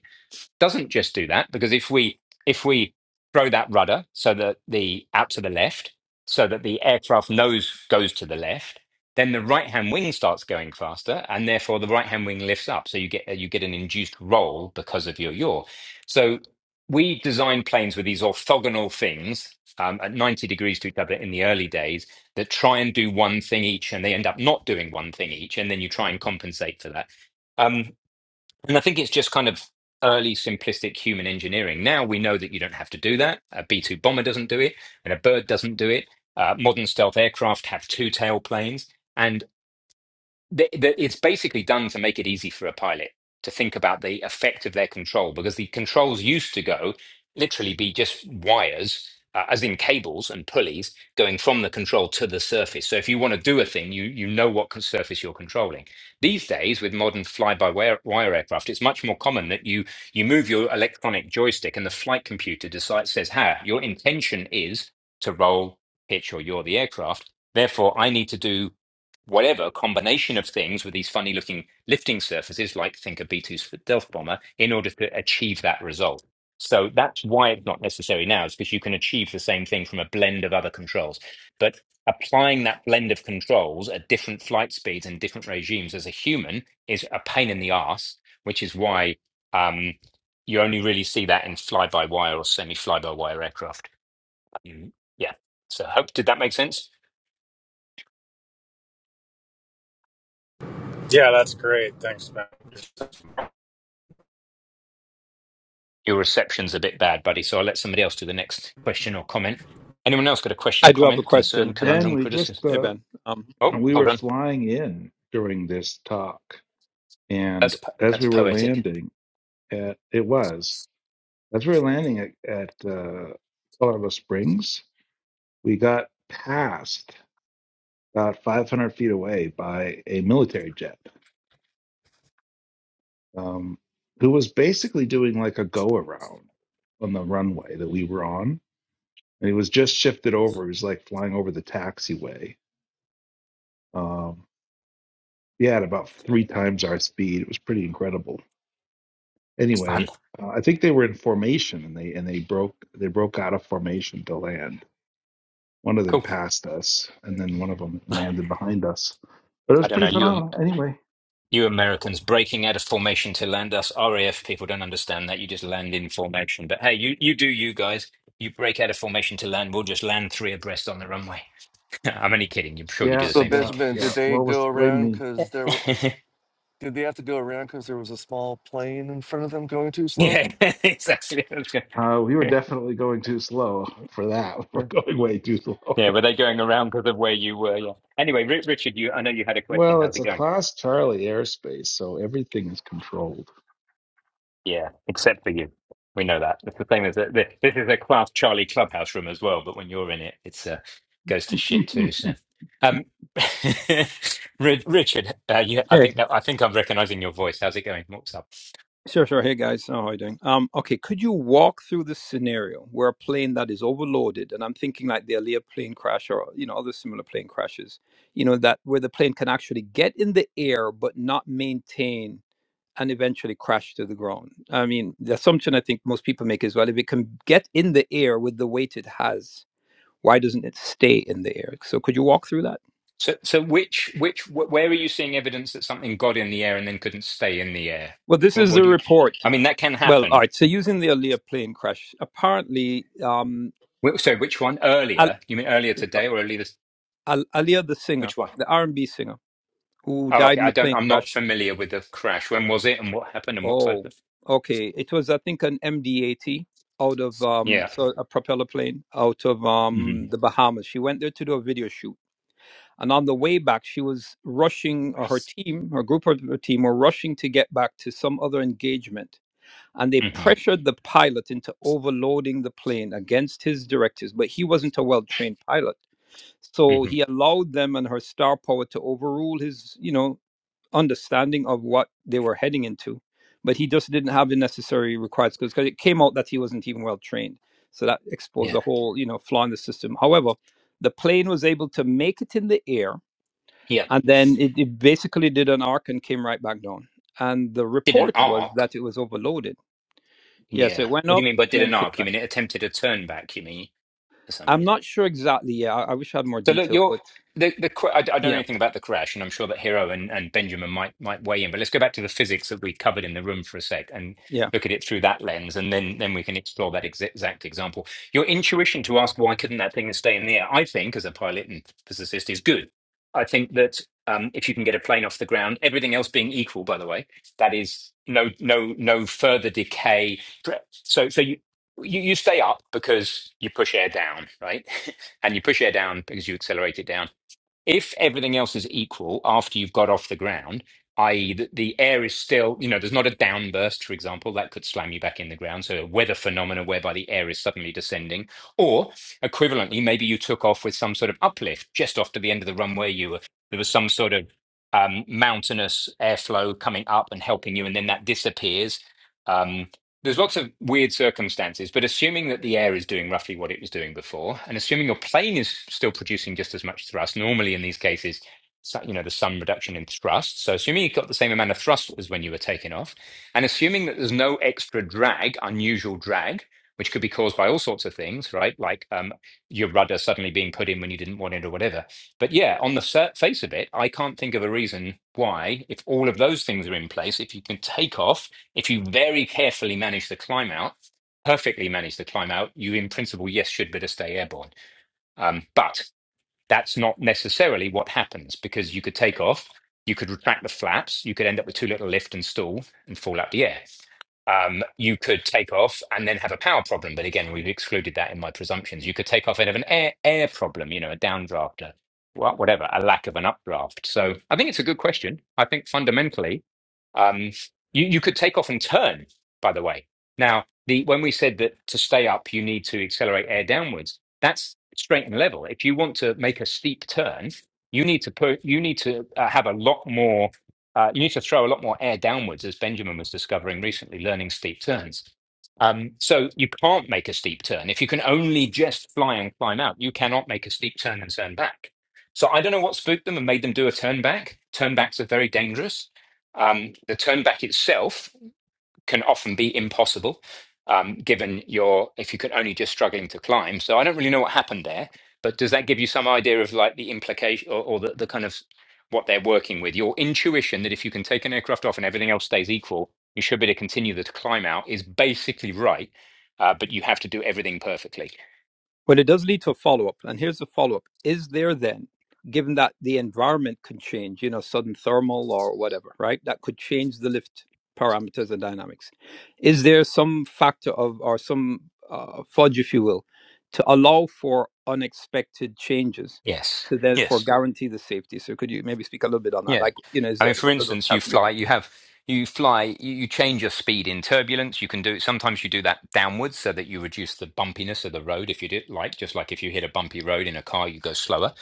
Speaker 2: doesn't just do that because if we if we throw that rudder so that the out to the left so that the aircraft nose goes to the left then the right hand wing starts going faster and therefore the right hand wing lifts up so you get you get an induced roll because of your yaw so we design planes with these orthogonal things um, at 90 degrees to each other in the early days that try and do one thing each and they end up not doing one thing each and then you try and compensate for that Um, and I think it's just kind of early simplistic human engineering. Now we know that you don't have to do that. A B 2 bomber doesn't do it, and a bird doesn't do it. Uh, modern stealth aircraft have two tail planes the, the, it's basically done to make it easy for a pilot to think about the effect of their control because the controls used to go literally be just wires uh, as in cables and pulleys going from the control to the surface so if you want to do a thing you you know what con- surface you're controlling these days with modern fly by wire wire aircraft it's much more common that you you move your electronic joystick and the flight computer decides says ha your intention is to roll pitch or you're the aircraft therefore i need to do whatever combination of things with these funny looking lifting surfaces, like think a B 2 stealth bomber, in order to achieve that result. So that's why it's not necessary now, is because you can achieve the same thing from a blend of other controls. But applying that blend of controls at different flight speeds and different regimes as a human is a pain in the ass, which is why um, you only really see that in fly by wire or semi fly by wire aircraft. Mm, Yeah. So, hope, did that make sense?
Speaker 7: Yeah, that's great. Thanks, man.
Speaker 2: Your reception's a bit bad, buddy, so I'll let somebody else do the next question or comment. Anyone else got a
Speaker 1: I
Speaker 2: question,
Speaker 1: do have a
Speaker 2: comment, concern,
Speaker 1: question.
Speaker 5: Ben,
Speaker 2: conundrum,
Speaker 5: we just
Speaker 2: criticism?
Speaker 1: Hey
Speaker 5: uh,
Speaker 1: Ben. Um,
Speaker 2: Oh,
Speaker 5: we
Speaker 2: hold
Speaker 5: were
Speaker 2: on.
Speaker 5: flying in during this talk, and
Speaker 2: That's po-
Speaker 5: as
Speaker 2: that's
Speaker 5: we were
Speaker 2: poetic.
Speaker 5: landing, at, it was as we were landing at, at uh, Colorado Springs, we got passed about 500 feet away by a military jet, um, who was basically doing like a go around on the runway that we were on, and he was just shifted over. He was like flying over the taxiway, Um, yeah, at about three times our speed, it was pretty incredible.
Speaker 2: That's fun.
Speaker 5: Anyway, uh, I think they were in formation, and they and they broke they broke out of formation to land. One of them
Speaker 2: Cool.
Speaker 5: passed us, and then one of them landed behind us. But it
Speaker 2: I
Speaker 5: was
Speaker 2: don't know.
Speaker 5: pretty
Speaker 2: You Am-
Speaker 5: phenomenal. Anyway,
Speaker 2: you Americans breaking out of formation to land us RAF people don't understand that. You just land in formation. But hey, you you do you guys. You break out of formation to land. We'll just land three abreast on the runway. (laughs) I'm only kidding. I'm sure you do
Speaker 5: yeah,
Speaker 2: the
Speaker 8: So
Speaker 2: same thing.
Speaker 5: yeah,
Speaker 8: Benjamin,
Speaker 5: yeah.
Speaker 8: did they
Speaker 5: What was
Speaker 8: go
Speaker 5: blame
Speaker 8: around
Speaker 5: me?
Speaker 8: because there? w-
Speaker 2: (laughs)
Speaker 8: Did they have to go around because there was a small plane in front of them going too slow?
Speaker 2: yeah, (laughs) exactly. That's
Speaker 5: Uh, we were
Speaker 2: good.
Speaker 5: definitely going too slow for that. (laughs)
Speaker 2: (laughs)
Speaker 5: We're going way too slow.
Speaker 2: Yeah, were they going around because of where you were? Yeah. Anyway, Ri- Richard, you I know you had a question.
Speaker 5: Well,
Speaker 2: How's
Speaker 5: it's
Speaker 2: it
Speaker 5: a
Speaker 2: going?
Speaker 5: class Charlie airspace, so everything is controlled.
Speaker 2: Yeah, except for you. We know that. It's the same as a, this this is a class Charlie clubhouse room as well, but when you're in it, it's uh, goes to shit too.
Speaker 5: (laughs)
Speaker 2: So, um, (laughs) Ri- Richard, uh, you, I
Speaker 1: hey.
Speaker 2: think that, I think I'm recognizing your voice. How's it going? What's up?
Speaker 1: Sure, sure. Hey guys, how are you doing? Um, okay, could you walk through the scenario where a plane that is overloaded, and I'm thinking like the Aliyah plane crash or you know other similar plane crashes, you know that where the plane can actually get in the air but not maintain and eventually crash to the ground. I mean, the assumption I think most people make is well, if it can get in the air with the weight it has, why doesn't it stay in the air? So could you walk through that?
Speaker 2: So, so which which wh- where are you seeing evidence that something got in the air and then couldn't stay in the air?
Speaker 1: Well, this
Speaker 2: What,
Speaker 1: is
Speaker 2: what
Speaker 1: the
Speaker 2: do you?
Speaker 1: report.
Speaker 2: I mean, that can
Speaker 1: Well, all
Speaker 2: happen.
Speaker 1: right. So using the Aliyah plane crash, apparently, um,
Speaker 2: Wh- So, which one
Speaker 1: Al.
Speaker 2: earlier? You mean earlier today or earlier this?
Speaker 1: Al- Alia, the singer,
Speaker 2: Which one?
Speaker 1: the R&B singer who
Speaker 2: Oh,
Speaker 1: died
Speaker 2: okay.
Speaker 1: in a
Speaker 2: I don't.
Speaker 1: plane
Speaker 2: I'm not
Speaker 1: crash.
Speaker 2: familiar with the crash. When was it, and what happened, and what type
Speaker 1: Oh,
Speaker 2: of?
Speaker 1: okay. It was, I think, an MD-80 out of um,
Speaker 2: Yeah.
Speaker 1: so a propeller plane out of
Speaker 2: hmm
Speaker 1: um, the Bahamas. She went there to do a video shoot, and on the way back, she was rushing, or her team, her group of her team, were rushing to get back to some other engagement. And they
Speaker 2: hmm
Speaker 1: pressured the pilot into overloading the plane against his directives, but he wasn't a well-trained pilot, so
Speaker 2: hmm
Speaker 1: he allowed them and her star power to overrule his, you know, understanding of what they were heading into, but he just didn't have the necessary required skills because it came out that he wasn't even well trained. So that exposed
Speaker 2: Yeah.
Speaker 1: the whole, you know, flaw in the system. However, the plane was able to make it in the air,
Speaker 2: Yeah.
Speaker 1: and then it, it basically did an arc and came right back down. And the
Speaker 2: Did an
Speaker 1: report was
Speaker 2: arc.
Speaker 1: that it was overloaded. Yeah, so it
Speaker 2: Yeah.
Speaker 1: went
Speaker 2: What do
Speaker 1: up
Speaker 2: you mean by
Speaker 1: and
Speaker 2: did
Speaker 1: then
Speaker 2: an
Speaker 1: came
Speaker 2: arc? You
Speaker 1: back.
Speaker 2: mean it attempted a turn back? You mean for some
Speaker 1: I'm
Speaker 2: reason?
Speaker 1: not sure exactly. Yeah, I, I wish I had more
Speaker 2: So look,
Speaker 1: detail,
Speaker 2: you're
Speaker 1: but
Speaker 2: the the cra- I, I don't know
Speaker 1: yeah,
Speaker 2: anything about the crash, and I'm sure that Hero and, and Benjamin might might weigh in. But let's go back to the physics that we covered in the room for a sec and
Speaker 1: yeah.
Speaker 2: look at it through that lens, and then then we can explore that ex exact example. Your intuition to ask why couldn't that thing stay in the air, I think, as a pilot and physicist, is good. I think that um, if you can get a plane off the ground, everything else being equal, by the way, that is no no no further decay. So so you you, you stay up because you push air down, right? (laughs) and you push air down because you accelerate it down. If everything else is equal after you've got off the ground, i.e., the, the air is still, you know, there's not a downburst, for example, that could slam you back in the ground. So a weather phenomena whereby the air is suddenly descending, or equivalently, maybe you took off with some sort of uplift just off to the end of the runway. You were there was some sort of um, mountainous airflow coming up and helping you, and then that disappears. Um, there's lots of weird circumstances, but assuming that the air is doing roughly what it was doing before, and assuming your plane is still producing just as much thrust, normally in these cases, so- you know, there's some reduction in thrust. So assuming you have got the same amount of thrust as when you were taking off, and assuming that there's no extra drag, unusual drag, which could be caused by all sorts of things, right? Like um, your rudder suddenly being put in when you didn't want it or whatever. But yeah, on the sur- face of it, I can't think of a reason why, if all of those things are in place, if you can take off if you very carefully manage the climb out, perfectly manage the climb out, you in principle, yes, should better stay airborne. Um, but that's not necessarily what happens because you could take off, you could retract the flaps, you could end up with too little lift and stall and fall out the air um, you could take off and then have a power problem. But again, we've excluded that in my presumptions. You could take off and have an air air problem, you know, a downdraft, a, wha- whatever, a lack of an updraft. So I think it's a good question. I think fundamentally, um, you you could take off and turn. By the way, now the when we said that to stay up, you need to accelerate air downwards. That's straight and level. If you want to make a steep turn, you need to put you need to uh, have a lot more. Uh, you need to throw a lot more air downwards, as Benjamin was discovering recently, learning steep turns. Um, so you can't make a steep turn. If you can only just fly and climb out, you cannot make a steep turn and turn back. So I don't know what spooked them and made them do a turn back. Turn backs are very dangerous. Um, the turn back itself can often be impossible, um, given your if you can only just struggling to climb. So I don't really know what happened there, but does that give you some idea of like the implication or, or the, the kind of what they're working with? Your intuition that if you can take an aircraft off and everything else stays equal, you should be able to continue the climb out is basically right, uh, but you have to do everything perfectly.
Speaker 1: But it does lead to a follow up. And here's the follow up Is there then, given that the environment can change, you know, sudden thermal or whatever, right? That could change the lift parameters and dynamics. Is there some factor of, or some uh, fudge, if you will, to allow for unexpected changes
Speaker 2: Yes.
Speaker 1: to therefore
Speaker 2: Yes.
Speaker 1: guarantee the safety? So could you maybe speak a little bit on that?
Speaker 2: Yeah.
Speaker 1: Like, you know, is
Speaker 2: I
Speaker 1: there,
Speaker 2: mean, for
Speaker 1: what are those
Speaker 2: instance, you fly,
Speaker 1: calculations?
Speaker 2: you have, you fly, you, you change your speed in turbulence. You can do it. sometimes you do that downwards so that you reduce the bumpiness of the road. If you did like, just like if you hit a bumpy road in a car, you go slower,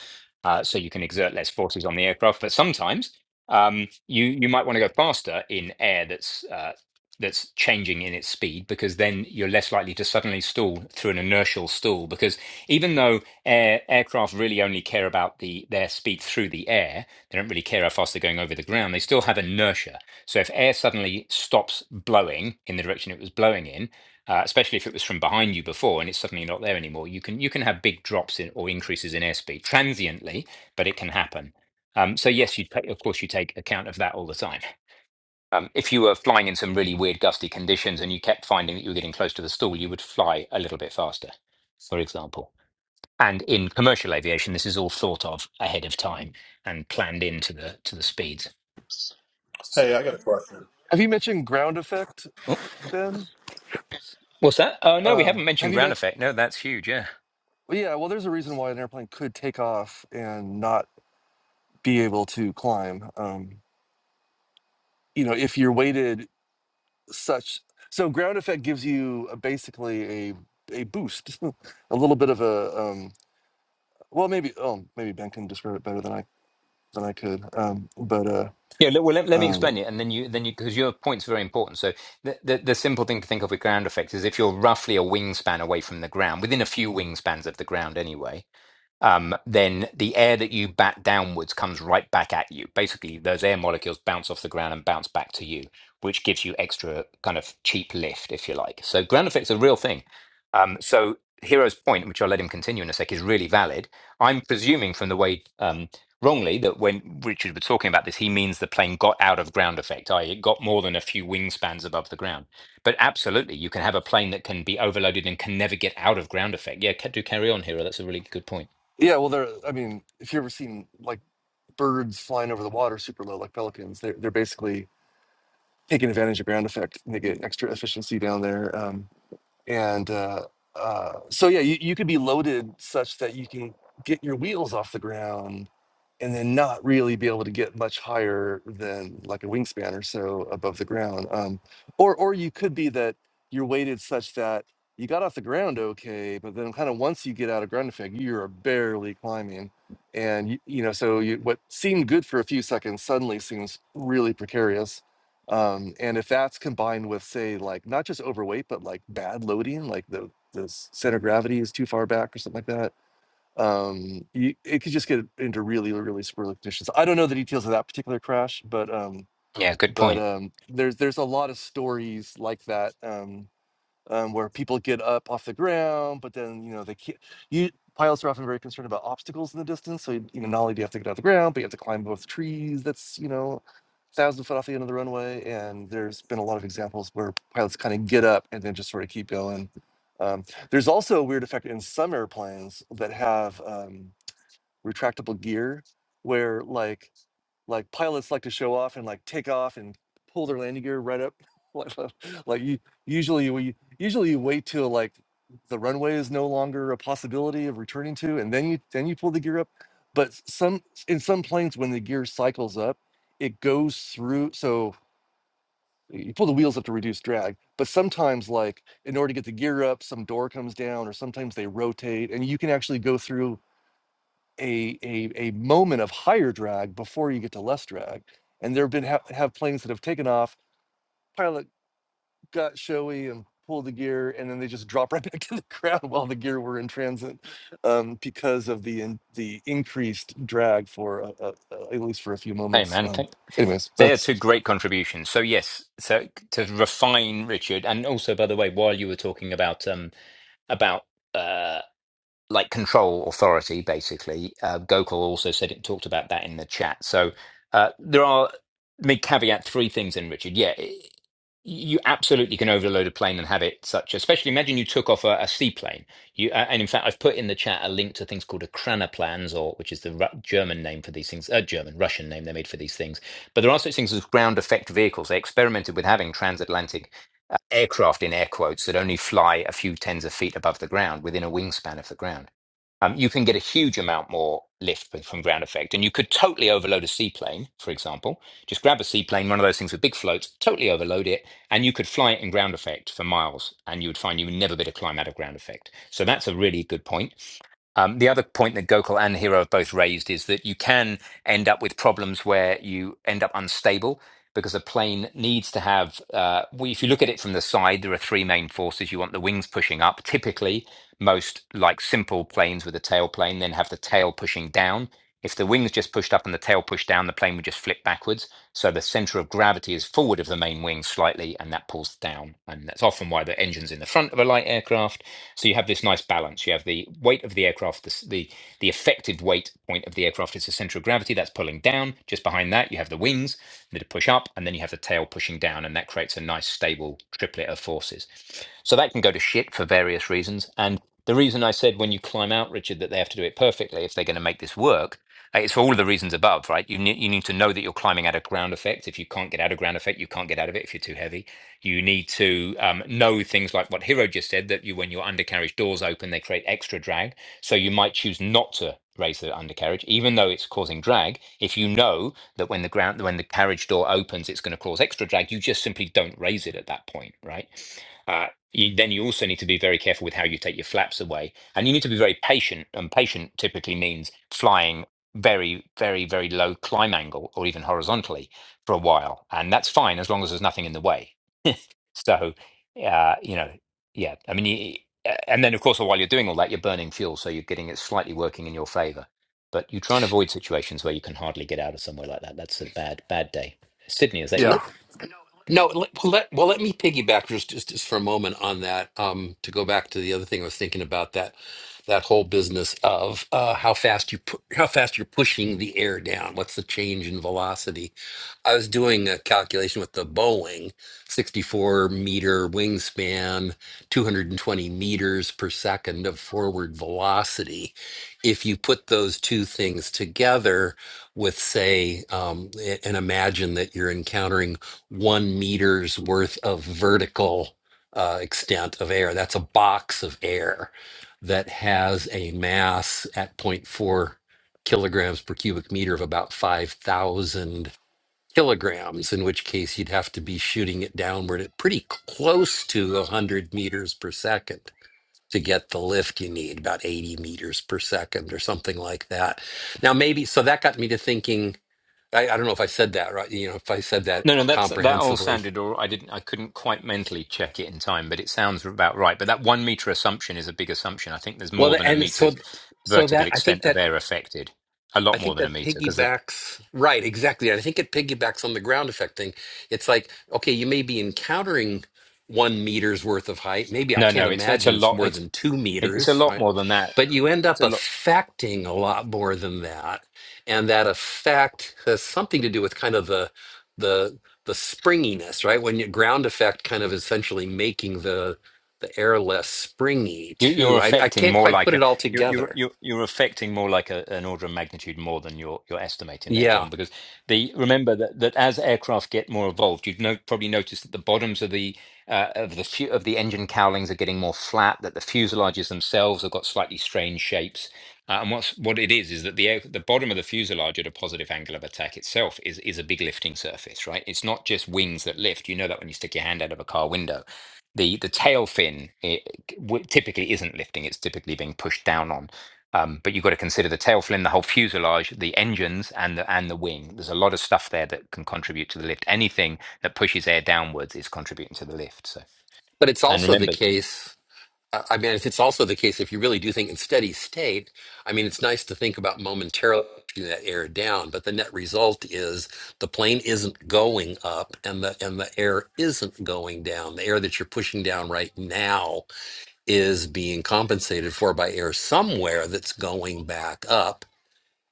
Speaker 2: uh, so you can exert less forces on the aircraft. But sometimes um, you you might want to go faster in air that's uh, that's changing in its speed because then you're less likely to suddenly stall through an inertial stall because even though air, aircraft really only care about the their speed through the air they don't really care how fast they're going over the ground. They still have inertia. So if air suddenly stops blowing in the direction it was blowing in, uh, especially if it was from behind you before and it's suddenly not there anymore, you can you can have big drops in or increases in airspeed transiently, but it can happen. Um, so yes, you take, of course you take account of that all the time. Um, if you were flying in some really weird gusty conditions and you kept finding that you were getting close to the stall, you would fly a little bit faster, for example. And in commercial aviation, this is all thought of ahead of time and planned into the to the speeds. So,
Speaker 9: Hey, I got a question.
Speaker 8: Have you mentioned ground effect,
Speaker 2: oh,
Speaker 8: Ben? S-
Speaker 2: what's that? Oh no, we
Speaker 8: Um,
Speaker 2: haven't
Speaker 8: have
Speaker 2: mentioned
Speaker 8: you
Speaker 2: ground
Speaker 8: mentioned?
Speaker 2: effect. No, that's huge. Yeah,
Speaker 8: Yeah, well, there's a reason why an airplane could take off and not be able to climb. Um, you know, if you're weighted such, so ground effect gives you uh, basically a a boost, (laughs) a little bit of a um, well, maybe oh, maybe Ben can describe it better than I than I could. Um, but uh,
Speaker 2: yeah. le- Well, let, let me
Speaker 8: um,
Speaker 2: explain it, and then you then you because your point's very important. So, the, the the simple thing to think of with ground effect is if you're roughly a wingspan away from the ground, within a few wingspans of the ground, anyway. um, then the air that you bat downwards comes right back at you. Basically, those air molecules bounce off the ground and bounce back to you, which gives you extra kind of cheap lift, if you like. So ground effect's a real thing. Um, so Hero's point, which I'll let him continue in a sec, is really valid. I'm presuming from the way um, wrongly that when Richard was talking about this, he means the plane got out of ground effect, i.e., it got more than a few wingspans above the ground. But absolutely, you can have a plane that can be overloaded and can never get out of ground effect. Yeah, ca- do carry on, Hero. That's a really good point.
Speaker 8: Yeah, well, they're. I mean, if you ever seen like birds flying over the water super low, like pelicans, they're they're basically taking advantage of ground effect and they get extra efficiency down there. Um, and uh, uh, so yeah, you, you could be loaded such that you can get your wheels off the ground and then not really be able to get much higher than like a wingspan or so above the ground. Um, or or you could be that you're weighted such that you got off the ground okay, but then kind of once you get out of ground effect, you're barely climbing, and you, you know so you, what seemed good for a few seconds suddenly seems really precarious. Um, and if that's combined with say like not just overweight but like bad loading, like the the center of gravity is too far back or something like that um, you, it could just get into really, really squirrely conditions. I don't know the details of that particular crash, but um,
Speaker 2: Yeah, good
Speaker 8: but
Speaker 2: point.
Speaker 8: um, there's there's a lot of stories like that. Um, um, where people get up off the ground, but then you know they can't. You pilots are often very concerned about obstacles in the distance. So you know, not only do you have to get off the ground, but you have to climb both trees. That's you know, thousand foot off the end of the runway. And there's been a lot of examples where pilots kind of get up and then just sort of keep going. Um, there's also a weird effect in some airplanes that have um, retractable gear, where like like pilots like to show off and like take off and pull their landing gear right up (laughs) like uh, like you usually we usually you wait till like the runway is no longer a possibility of returning to and then you then you pull the gear up but some in some planes when the gear cycles up it goes through so you pull the wheels up to reduce drag but sometimes like in order to get the gear up some door comes down or sometimes they rotate and you can actually go through a a a moment of higher drag before you get to less drag. And there have been ha- have planes that have taken off, pilot got showy and pulled the gear, and then they just drop right (laughs) back to the ground while the gear were in transit um, because of the in, the increased drag for a, a, a- at least for a few
Speaker 2: Hey,
Speaker 8: moments.
Speaker 2: man,
Speaker 8: Um,
Speaker 2: thank-
Speaker 8: anyways,
Speaker 2: they are two
Speaker 8: that's
Speaker 2: great contributions. So yes, so to refine Richard, and also by the way, while you were talking about um about uh like control authority, basically, uh, Gokul also said it talked about that in the chat. So uh, there are let me caveat three things in Richard. Yeah, You absolutely can overload a plane and have it such. Especially imagine you took off a, a seaplane. You uh, and in fact, I've put in the chat a link to things called a Kranaplans, or which is the Ru- German name for these things, uh, German Russian name they made for these things. But there are such things as ground effect vehicles. They experimented with having transatlantic uh, aircraft in air quotes that only fly a few tens of feet above the ground, within a wingspan of the ground. Um, you can get a huge amount more lift with- from ground effect, and you could totally overload a seaplane, for example. Just grab a seaplane, one of those things with big floats, totally overload it and you could fly it in ground effect for miles and you would find you would never be able to climb out of ground effect so that's a really good point um, the other point that gokul and hero have both raised is that you can end up with problems where you end up unstable because a plane needs to have uh, well, if you look at it from the side there are three main forces you want the wings pushing up typically most like simple planes with a tail plane then have the tail pushing down if the wings just pushed up and the tail pushed down, the plane would just flip backwards. So the center of gravity is forward of the main wing slightly, and that pulls down. And that's often why the engine's in the front of a light aircraft. So you have this nice balance. You have the weight of the aircraft, the, the, the effective weight point of the aircraft is the center of gravity that's pulling down. Just behind that, you have the wings that push up, and then you have the tail pushing down, and that creates a nice stable triplet of forces. So that can go to shit for various reasons. And the reason I said when you climb out, Richard, that they have to do it perfectly if they're going to make this work, uh, it's for all of the reasons above, right? You need you need to know that you're climbing out of ground effect. If you can't get out of ground effect, you can't get out of it. If you're too heavy, you need to um, know things like what Hiro just said that you when your undercarriage doors open, they create extra drag. So you might choose not to raise the undercarriage, even though it's causing drag. If you know that when the ground when the carriage door opens, it's going to cause extra drag, you just simply don't raise it at that point, right? Uh, you, then you also need to be very careful with how you take your flaps away. And you need to be very patient. And patient typically means flying very, very, very low climb angle or even horizontally for a while. And that's fine as long as there's nothing in the way. So, uh, you know, yeah. I mean, you, and then of course, while you're doing all that, you're burning fuel. So you're getting it slightly working in your favor. But you try and avoid situations where you can hardly get out of somewhere like that. That's a bad, bad day. Sydney, is that you?
Speaker 9: Yeah.
Speaker 3: No, let, let, well, let me piggyback just, just just for a moment on that. Um, to go back to the other thing I was thinking about that that whole business of uh, how fast you pu- how fast you're pushing the air down. What's the change in velocity? I was doing a calculation with the Boeing 64 meter wingspan, 220 meters per second of forward velocity. If you put those two things together with, say, um, a- and imagine that you're encountering one meter's worth of vertical uh, extent of air. That's a box of air that has a mass at zero point 0.4 kilograms per cubic meter of about 5,000 kilograms, in which case you'd have to be shooting it downward at pretty close to 100 meters per second. To get the lift you need, about 80 meters per second or something like that. Now, maybe, so that got me to thinking I, I don't know if I said that right, you know, if I said that
Speaker 2: No, no, that's that all
Speaker 3: comprehensibly.
Speaker 2: sounded all. right. I didn't, I couldn't quite mentally check it in time, but it sounds about right. But that one meter assumption is a big assumption. I think there's more
Speaker 3: Well,
Speaker 2: than a
Speaker 3: and so
Speaker 2: meter's
Speaker 3: so
Speaker 2: vertical
Speaker 3: that I think
Speaker 2: extent of
Speaker 3: that
Speaker 2: air affected, a
Speaker 3: I
Speaker 2: lot more
Speaker 3: think
Speaker 2: than a
Speaker 3: that
Speaker 2: meter. Because the
Speaker 3: piggybacks right exactly. And I think it piggybacks on the ground effect thing. It's like okay, you may be encountering one meter's worth of height. Maybe I
Speaker 2: no,
Speaker 3: can't
Speaker 2: no, it's it's a
Speaker 3: imagine it's
Speaker 2: lot.
Speaker 3: more
Speaker 2: It's
Speaker 3: than two
Speaker 2: it, it's a
Speaker 3: meters,
Speaker 2: lot
Speaker 3: right?
Speaker 2: more than that.
Speaker 3: But you end
Speaker 2: It's
Speaker 3: up
Speaker 2: a lot.
Speaker 3: affecting a lot more than that, and that effect has something to do with kind of the the the springiness, right? When your ground effect kind of essentially making the the air less springy
Speaker 2: You, you're
Speaker 3: too. I, I
Speaker 2: affecting
Speaker 3: can't
Speaker 2: more
Speaker 3: quite
Speaker 2: like
Speaker 3: put
Speaker 2: a
Speaker 3: it all
Speaker 2: you're you're
Speaker 3: together.
Speaker 2: you're, you're affecting more like a, an order of magnitude more than you're you're estimating there,
Speaker 3: Yeah,
Speaker 2: John. Because the remember that, that as aircraft get more evolved, you'd no, probably notice that the bottoms of the uh, of the fu- of the engine cowlings are getting more flat. That the fuselages themselves have got slightly strange shapes. Uh, and what's what it is is that the air, the bottom of the fuselage at a positive angle of attack itself is is a big lifting surface, right? It's not just wings that lift. You know that when you stick your hand out of a car window the the tail fin it w- typically isn't lifting; it's typically being pushed down on. Um, but you've got to consider the tail fin, the whole fuselage, the engines, and the and the wing. There's a lot of stuff there that can contribute to the lift. Anything that pushes air downwards is contributing to the lift. So,
Speaker 3: but it's
Speaker 2: and
Speaker 3: also the
Speaker 2: remember,
Speaker 3: case I I mean, if it's also the case, if you really do think in steady state, I mean, it's nice to think about momentarily keeping that air down, but the net result is the plane isn't going up, and the and the air isn't going down. The air that you're pushing down right now is being compensated for by air somewhere that's going back up.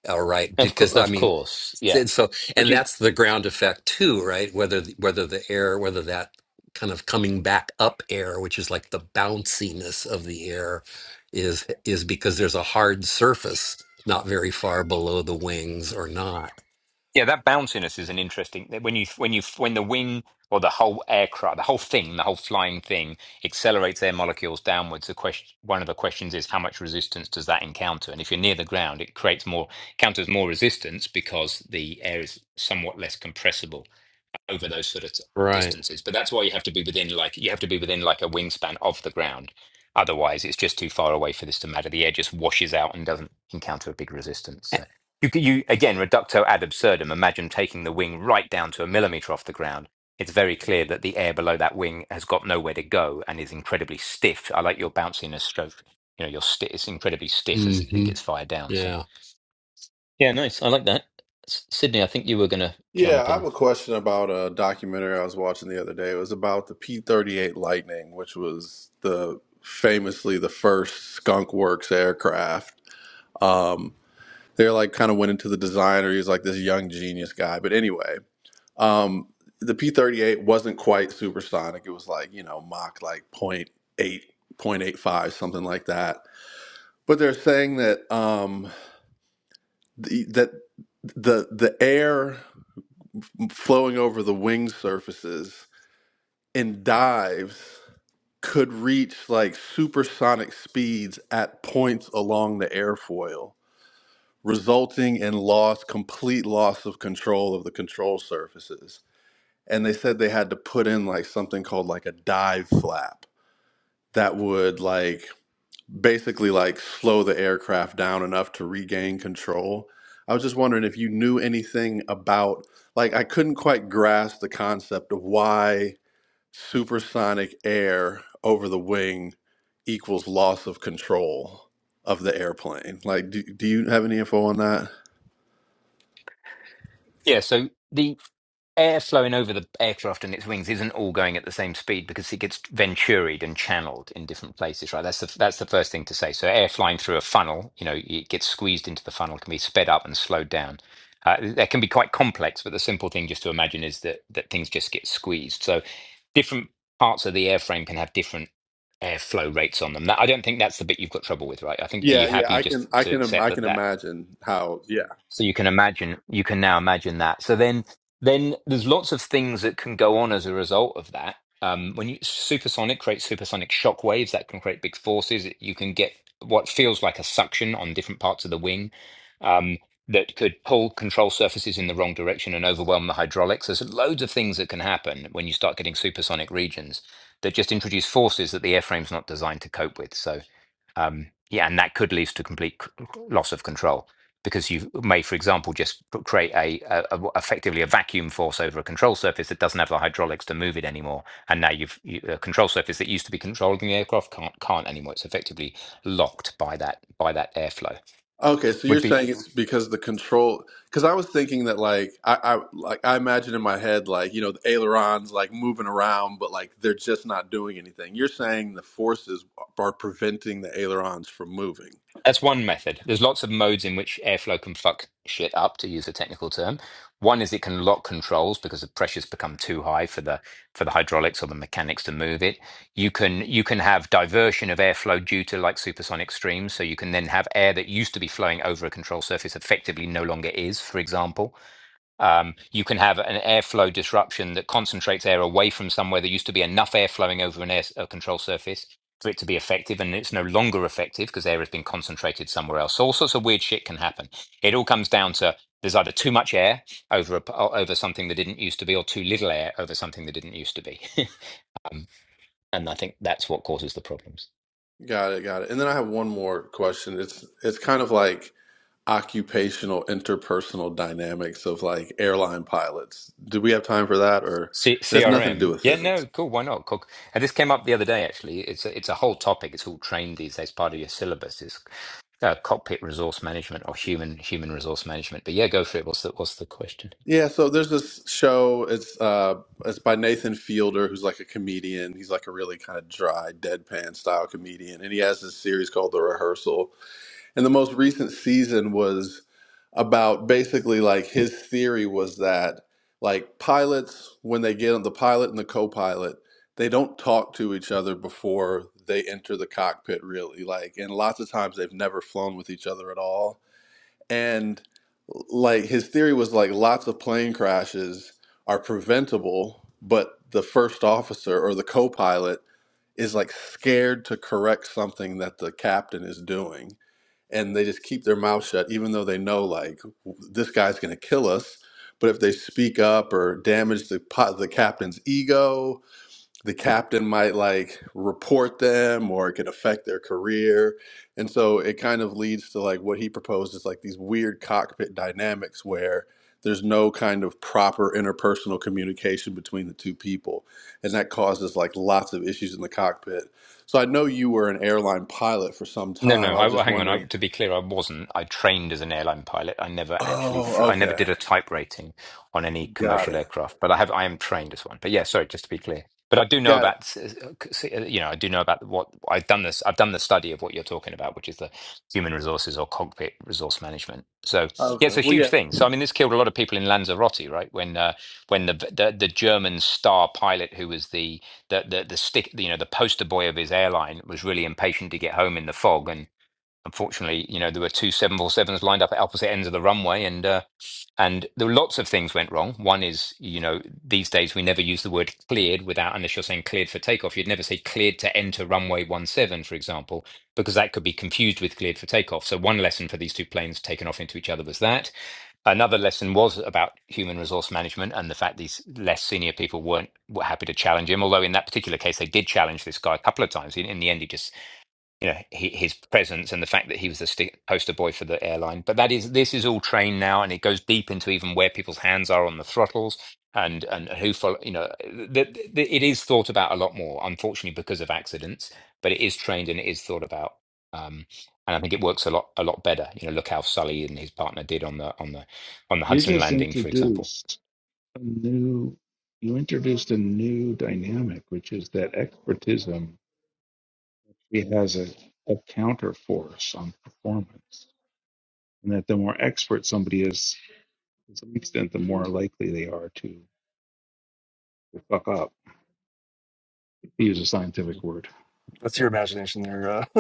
Speaker 3: All right,
Speaker 2: of course,
Speaker 3: because I
Speaker 2: of
Speaker 3: mean,
Speaker 2: course, yeah.
Speaker 3: and so,
Speaker 2: Which
Speaker 3: and
Speaker 2: is
Speaker 3: that's the ground effect too, right? Whether the- whether the air, whether that kind of coming back up air, which is like the bounciness of the air, is is because there's a hard surface not very far below the wings or not.
Speaker 2: Yeah, that bounciness is an interesting when you when you when the wing or the whole aircraft, the whole thing, the whole flying thing accelerates air molecules downwards. The question, one of the questions is how much resistance does that encounter? And if you're near the ground, it creates more counters more resistance because the air is somewhat less compressible over those sort of t- distances. But that's why you have to be within like you have to be within like a wingspan of the ground. Otherwise, it's just too far away for this to matter. The air just washes out and doesn't encounter a big resistance. So you c- you again reducto ad absurdum. Imagine taking the wing right down to a millimeter off the ground. It's very clear that the air below that wing has got nowhere to go and is incredibly stiff. I like your bounciness stroke. You know, your sti it's incredibly stiff as it
Speaker 3: hmm
Speaker 2: gets fired down. So
Speaker 3: Yeah,
Speaker 2: yeah, nice. I like that. S- Sydney, I think you were going to
Speaker 9: Yeah,
Speaker 2: jump
Speaker 9: I
Speaker 2: in.
Speaker 9: have a question about a documentary I was watching the other day. It was about the P-38 Lightning, which was the famously the first Skunk Works aircraft. Um, they like kind of went into the designer. He's like this young genius guy. But anyway, um, the P-38 wasn't quite supersonic. It was like, you know, Mach like zero point 0.8, zero point eight five, something like that. But they're saying that um, the, that the the air flowing over the wing surfaces and dives could reach like supersonic speeds at points along the airfoil, resulting in loss, complete loss of control of the control surfaces. And they said they had to put in like something called like a dive flap that would like basically like slow the aircraft down enough to regain control. I was just wondering if you knew anything about like I couldn't quite grasp the concept of why supersonic air over the wing equals loss of control of the airplane. Like do, do you have any info on that?
Speaker 2: Yeah, so the air flowing over the aircraft and its wings isn't all going at the same speed because it gets venturied and channeled in different places, right? That's the that's the first thing to say. So air flying through a funnel, you know, it gets squeezed into the funnel, can be sped up and slowed down. Uh, that can be quite complex, but the simple thing just to imagine is that that things just get squeezed. So different parts of the airframe can have different airflow rates on them. That, I don't think that's the bit you've got trouble with, right? I think are
Speaker 9: Yeah,
Speaker 2: you
Speaker 9: yeah,
Speaker 2: happy
Speaker 9: I
Speaker 2: just
Speaker 9: can I
Speaker 2: to
Speaker 9: can im-
Speaker 2: accept
Speaker 9: I
Speaker 2: that
Speaker 9: can
Speaker 2: that
Speaker 9: imagine how yeah.
Speaker 2: so you can imagine, you can now imagine that. So then, then there's lots of things that can go on as a result of that. Um, when you supersonic creates supersonic shock waves that can create big forces, you can get what feels like a suction on different parts of the wing um, that could pull control surfaces in the wrong direction and overwhelm the hydraulics. There's loads of things that can happen when you start getting supersonic regions that just introduce forces that the airframe's not designed to cope with. So um, yeah, and that could lead to complete c- loss of control because you may, for example, just p- create a a, a- effectively a vacuum force over a control surface that doesn't have the hydraulics to move it anymore, and now you've you, a control surface that used to be controlling the aircraft can't can't anymore. It's effectively locked by that by that airflow.
Speaker 9: Okay, so you're
Speaker 2: Would be
Speaker 9: saying it's because the control? Because I was thinking that, like, I, I like I imagine in my head, like, you know, the ailerons like moving around, but like they're just not doing anything. You're saying the forces are preventing the ailerons from moving.
Speaker 2: That's one method. There's lots of modes in which airflow can fuck shit up, to use a technical term. One is it can lock controls because the pressures become too high for the for the hydraulics or the mechanics to move it. You can you can have diversion of airflow due to like supersonic streams, so you can then have air that used to be flowing over a control surface effectively no longer is, for example. Um, you can have an airflow disruption that concentrates air away from somewhere there used to be enough air flowing over an air s- a control surface for it to be effective, and it's no longer effective because air has been concentrated somewhere else. So all sorts of weird shit can happen. It all comes down to there's either too much air over a, p- o- over something that didn't used to be, or too little air over something that didn't used to be. (laughs) um, and I think that's what causes the problems.
Speaker 9: Got it, got it. And then I have one more question. It's it's kind of like occupational interpersonal dynamics of like airline pilots. Do we have time for that, or
Speaker 2: C-
Speaker 9: it has nothing to do
Speaker 2: CRM.
Speaker 9: with
Speaker 2: Yeah,
Speaker 9: physics?
Speaker 2: no, cool. Why not? Cool. And this came up the other day, actually. It's a, it's a whole topic. It's all trained these days, part of your syllabus. It's uh, cockpit resource management or human human resource management. But yeah, go for it. What's the what's the question?
Speaker 9: Yeah, so there's this show. It's uh, it's by Nathan Fielder, who's like a comedian. He's like a really kind of dry, deadpan style comedian, and he has this series called The Rehearsal. And the most recent season was about basically like his theory was that like pilots, when they get on the pilot and the co-pilot, they don't talk to each other before they enter the cockpit, really. Like, and lots of times they've never flown with each other at all and like his theory was like lots of plane crashes are preventable, but the first officer or the co-pilot is like scared to correct something that the captain is doing and they just keep their mouth shut even though they know like this guy's going to kill us but if they speak up or damage the pot the captain's ego the captain might like report them or it could affect their career. And so it kind of leads to like what he proposed is like these weird cockpit dynamics where there's no kind of proper interpersonal communication between the two people. And that causes like lots of issues in the cockpit. So I know you were an airline pilot for some
Speaker 2: No, no.
Speaker 9: time. I
Speaker 2: I,
Speaker 9: was
Speaker 2: well,
Speaker 9: just
Speaker 2: hang on. I,
Speaker 9: wondering.
Speaker 2: to be clear, I wasn't. I trained as an airline pilot. I never actually. Fl-
Speaker 9: Oh,
Speaker 2: I never
Speaker 9: okay.
Speaker 2: did a type rating on any
Speaker 9: Got
Speaker 2: commercial
Speaker 9: it.
Speaker 2: aircraft. But I have. I am trained as one. But yeah, sorry. Just to be clear. But I do know
Speaker 9: Got it.
Speaker 2: about. s- s- uh, c- s- You know, I do know about what I've done. This. I've done the study of what you're talking about, which is the human resources or cockpit resource management. So yeah,
Speaker 9: Okay.
Speaker 2: it's a
Speaker 9: Well,
Speaker 2: huge
Speaker 9: yeah.
Speaker 2: thing. So I mean, this killed a lot of people in Lanzarote, right? When uh, when the, the the German star pilot who was the the the the stick you know the poster boy of his airline was really impatient to get home in the fog and unfortunately, you know, there were two 747s lined up at opposite ends of the runway, and uh, and there were lots of things went wrong. One is, you know, these days we never use the word cleared without unless you're saying cleared for takeoff. You'd never say cleared to enter runway 17, for example, because that could be confused with cleared for takeoff. So one lesson for these two planes taken off into each other was that. Another lesson was about human resource management and the fact these less senior people weren't were happy to challenge him. Although in that particular case, they did challenge this guy a couple of times. In, in the end, he just you know he, his presence and the fact that he was the sti poster boy for the airline. But that is this is all trained now, and it goes deep into even where people's hands are on the throttles and and who follow. You know, the, the, it is thought about a lot more, unfortunately, because of accidents. But it is trained and it is thought about, um, and I think it works a lot a lot better. You know, look how Sully and his partner did on the on the on the
Speaker 5: You
Speaker 2: Hudson
Speaker 5: just
Speaker 2: landing, for example.
Speaker 5: introduced a new, you introduced a new dynamic, which is that expertism she has a, a counterforce on performance, and that the more expert somebody is, to some extent, the more likely they are to, to fuck up. To use a scientific word.
Speaker 8: that's your imagination there. Uh, (laughs)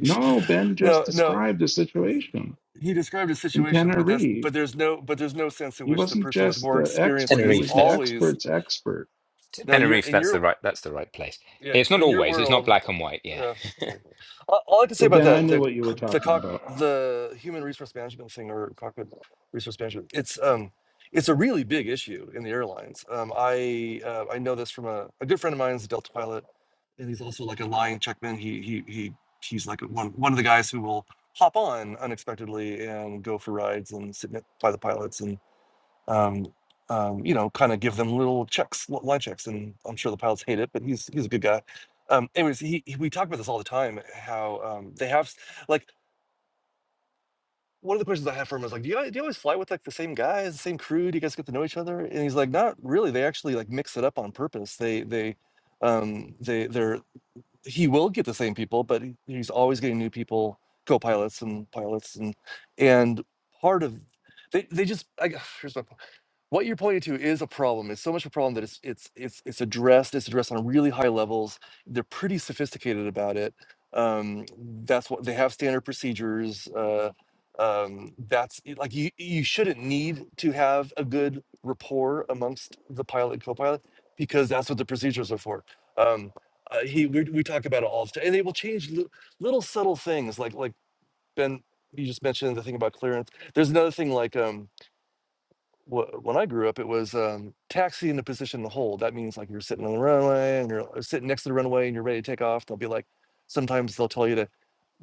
Speaker 5: No, Ben just
Speaker 8: no, no.
Speaker 5: described the situation
Speaker 8: He described a
Speaker 5: in
Speaker 8: situation, but that's
Speaker 5: Tenerife.
Speaker 8: but there's no but there's no sense in
Speaker 5: He
Speaker 8: which the
Speaker 5: wasn't
Speaker 8: person with
Speaker 5: just
Speaker 8: more
Speaker 5: the
Speaker 8: experience
Speaker 5: expert, he
Speaker 8: is
Speaker 5: was
Speaker 2: Tenerife,
Speaker 5: the
Speaker 2: that's
Speaker 8: always
Speaker 5: expert's expert.
Speaker 8: No, you're
Speaker 2: Tenerife.
Speaker 8: in
Speaker 2: That's
Speaker 8: your
Speaker 2: the right. That's the right place.
Speaker 8: yeah
Speaker 2: It's not
Speaker 8: in your
Speaker 2: always. It's not
Speaker 8: world.
Speaker 2: black and white. Yeah.
Speaker 8: Yeah,
Speaker 2: (laughs)
Speaker 8: yeah. All, all I can say
Speaker 5: Yeah,
Speaker 8: about
Speaker 5: Ben, I
Speaker 8: that
Speaker 5: knew
Speaker 8: the
Speaker 5: what you were
Speaker 8: co- the
Speaker 5: talking
Speaker 8: cock
Speaker 5: about.
Speaker 8: the human resource management thing or cockpit resource management it's um it's a really big issue in the airlines. Um, I uh, I know this from a, a good friend of mine is a Delta pilot, and he's also like a line checkman. He he he he's like one one of the guys who will hop on unexpectedly and go for rides and sit ne- by the pilots um, um, you know, kind of give them little checks, li- line checks. And I'm sure the pilots hate it, but he's he's a good guy. Um, anyways, he, he we talk about this all the time. How um, they have s- like one of the questions I have for him is like, do you, guys- do you always fly with like the same guys, the same crew? Do you guys get to know each other? And he's like, not really. They actually like mix it up on purpose. They they um, they they're he will get the same people, but he- he's always getting new people, co-pilots and pilots and and part of they they just I, (sighs) here's my point what you're pointing to is a problem. It's so much a problem that it's it's it's it's addressed. It's addressed on really high levels. They're pretty sophisticated about it. Um, that's what they have standard procedures. Uh, um, that's it- like you you shouldn't need to have a good rapport amongst the pilot and co-pilot because that's what the procedures are for. Um, uh, he we, we talk about it all the time, and they will change li- little subtle things like like Ben you just mentioned the thing about clearance. There's another thing like um, wh- when I grew up, it was um, taxi in position to hold. That means like you're sitting on the runway and you're or sitting next to the runway and you're ready to take off. They'll be like, sometimes they'll tell you to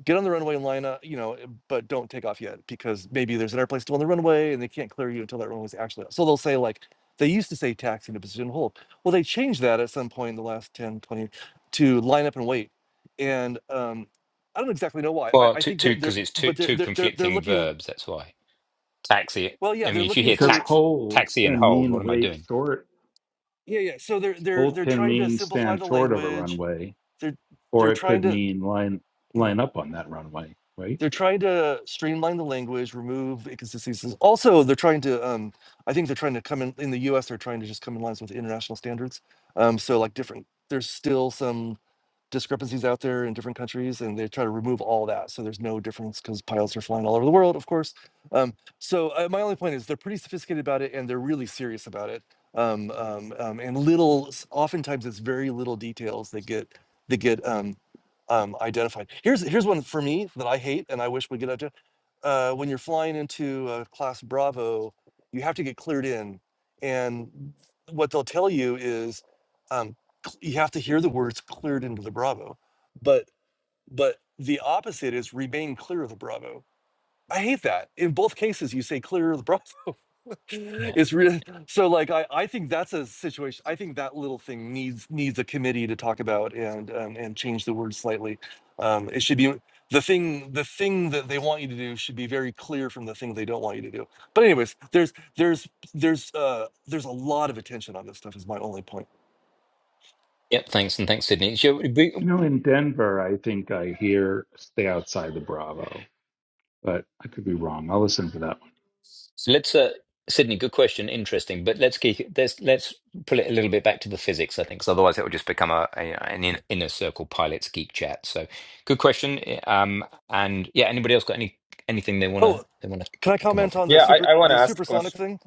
Speaker 8: get on the runway and line up, you know, eh, but don't take off yet because maybe there's an airplane still on the runway and they can't clear you until that runway's actually out. So they'll say like, they used to say taxiing to position to hold. Well, they changed that at some point in the last 10, 20 to line up and wait. And um, I don't exactly know why. I,
Speaker 2: Well,
Speaker 8: I
Speaker 2: two,
Speaker 8: think
Speaker 2: two,
Speaker 8: that they're,
Speaker 2: because it's two
Speaker 8: but they're,
Speaker 2: two
Speaker 8: they're, they're, they're
Speaker 2: conflicting
Speaker 8: looking,
Speaker 2: verbs. That's why taxi.
Speaker 8: well,
Speaker 2: I
Speaker 8: yeah, they're
Speaker 2: mean, if you
Speaker 8: looking
Speaker 2: hear
Speaker 5: Because
Speaker 8: for
Speaker 2: tax,
Speaker 5: hold
Speaker 2: taxi and
Speaker 5: can
Speaker 2: hold,
Speaker 5: mean
Speaker 2: what am I
Speaker 5: wait
Speaker 2: doing?
Speaker 5: short.
Speaker 8: Yeah, yeah. So they're they're
Speaker 5: Hold
Speaker 8: they're
Speaker 5: can
Speaker 8: trying to
Speaker 5: mean
Speaker 8: simplify
Speaker 5: stand
Speaker 8: the
Speaker 5: short of a
Speaker 8: language.
Speaker 5: runway,
Speaker 8: They're
Speaker 5: or
Speaker 8: they're
Speaker 5: it
Speaker 8: trying
Speaker 5: could
Speaker 8: to
Speaker 5: mean line line
Speaker 8: (clears throat)
Speaker 5: up on that runway, right?
Speaker 8: they're trying to streamline the language, remove inconsistencies. Also, they're trying to um I think they're trying to come in in the US they're trying to just come in lines with international standards. Um so like different there's still some discrepancies out there in different countries and they try to remove all that so there's no difference because pilots are flying all over the world of course um, so uh, my only point is they're pretty sophisticated about it and they're really serious about it um, um, um, and little s- oftentimes it's very little details that get that get um, um, identified here's here's one for me that i hate and i wish we get up to uh, when you're flying into uh, class bravo you have to get cleared in and what they'll tell you is um, cl- you have to hear the words cleared into the bravo but but the opposite is remain clear of the bravo i hate that in both cases you say clear of the bravo (laughs)
Speaker 2: Yeah.
Speaker 8: it's really so like i i think that's a situation i think that little thing needs needs a committee to talk about and um, and change the word slightly um it should be the thing the thing that they want you to do should be very clear from the thing they don't want you to do but anyways there's there's there's uh there's a lot of attention on this stuff is my only point
Speaker 2: Yep. Thanks, and thanks, Sydney. So,
Speaker 5: You
Speaker 2: we-
Speaker 5: know, in Denver, I think I hear stay outside the Bravo, but I could be wrong. I'll listen for that one.
Speaker 2: so let's, uh, Sydney. Good question. Interesting, but let's keep let's let's pull it a little bit back to the physics. I think, 'cause otherwise it will just become a, a an in, inner circle pilots geek chat. So, good question. Um, and yeah, anybody else got any anything they wanna
Speaker 8: Oh.
Speaker 2: they wanna
Speaker 8: Can I
Speaker 2: come up
Speaker 8: comment
Speaker 2: with?
Speaker 8: on the
Speaker 10: Yeah,
Speaker 8: super
Speaker 10: I, I want to
Speaker 8: the
Speaker 10: ask a
Speaker 8: supersonic
Speaker 10: question.
Speaker 8: thing?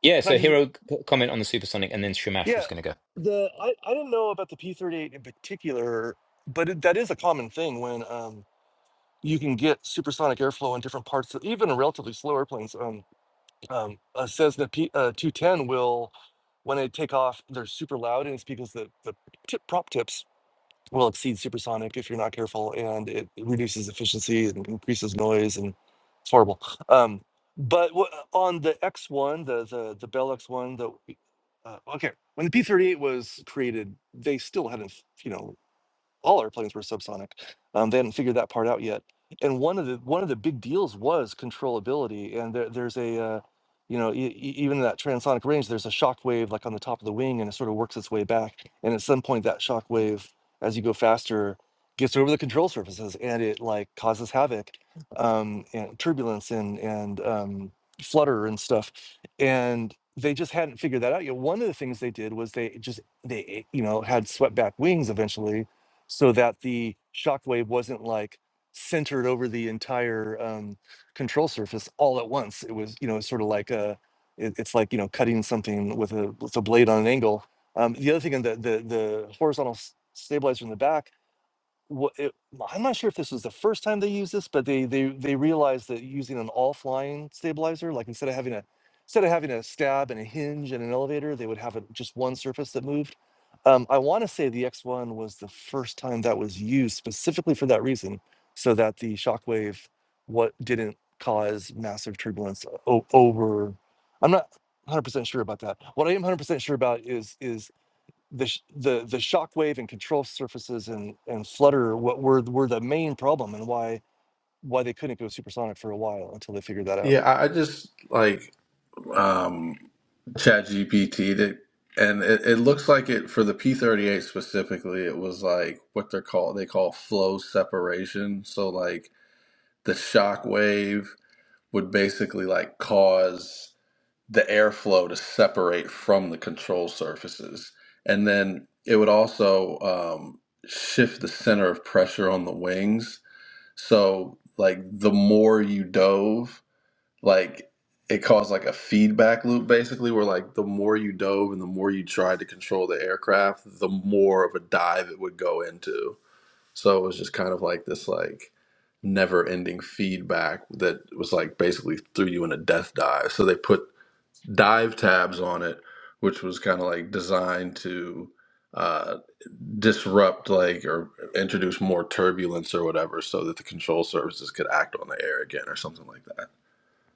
Speaker 2: Yeah.
Speaker 8: Can I
Speaker 2: So,
Speaker 8: just
Speaker 2: hero c- comment on the supersonic, and then Shamash
Speaker 8: yeah
Speaker 2: was gonna go.
Speaker 8: the I, I didn't know about the P thirty eight in particular, but it, that is a common thing when um you can get supersonic airflow in different parts of even relatively slow airplanes. Um, um a Cessna P uh, two ten will when they take off they're super loud and it's because the the tip prop tips will exceed supersonic if you're not careful, and it reduces efficiency and increases noise, and it's horrible. Um, but wha- on the X1, the the the Bell X1, the uh, okay, when the P38 was created, they still hadn't, you know, all airplanes were subsonic. Um, they hadn't figured that part out yet. And one of the one of the big deals was controllability. And there, there's a uh, you know e- e- even in that transonic range, there's a shock wave like on the top of the wing, and it sort of works its way back. And at some point, that shock wave, as you go faster, gets over the control surfaces, and it like causes havoc, um, and turbulence, and and um, flutter and stuff. And they just hadn't figured that out yet. One of the things they did was they just they you know had swept back wings eventually so that the shockwave wasn't like centered over the entire um, control surface all at once. It was, you know, sort of like a, it, it's like you know cutting something with a with a blade on an angle. Um, the other thing in the the, the horizontal s- stabilizer in the back wha- it, well, I'm not sure if this was the first time they used this, but they they they realized that using an all flying stabilizer, like instead of having a instead of having a stab and a hinge and an elevator, they would have a, just one surface that moved. Um, I want to say the X1 was the first time that was used specifically for that reason, so that the shockwave what didn't cause massive turbulence o- over. I'm not 100% sure about that. What I am 100% sure about is is the sh- the the shockwave and control surfaces and and flutter what were were the main problem and why why they couldn't go supersonic for a while until they figured that out.
Speaker 9: Yeah. I I just like um, Chat GPT and it, it looks like it for the P38 specifically, it was like what they're called, they call flow separation. So like the shock wave would basically like cause the airflow to separate from the control surfaces. And then it would also um, shift the center of pressure on the wings. So like the more you dove, like it caused like a feedback loop basically where like the more you dove and the more you tried to control the aircraft the more of a dive it would go into so it was just kind of like this like never ending feedback that was like basically threw you in a death dive so they put dive tabs on it which was kind of like designed to uh, disrupt like or introduce more turbulence or whatever so that the control services could act on the air again or something like that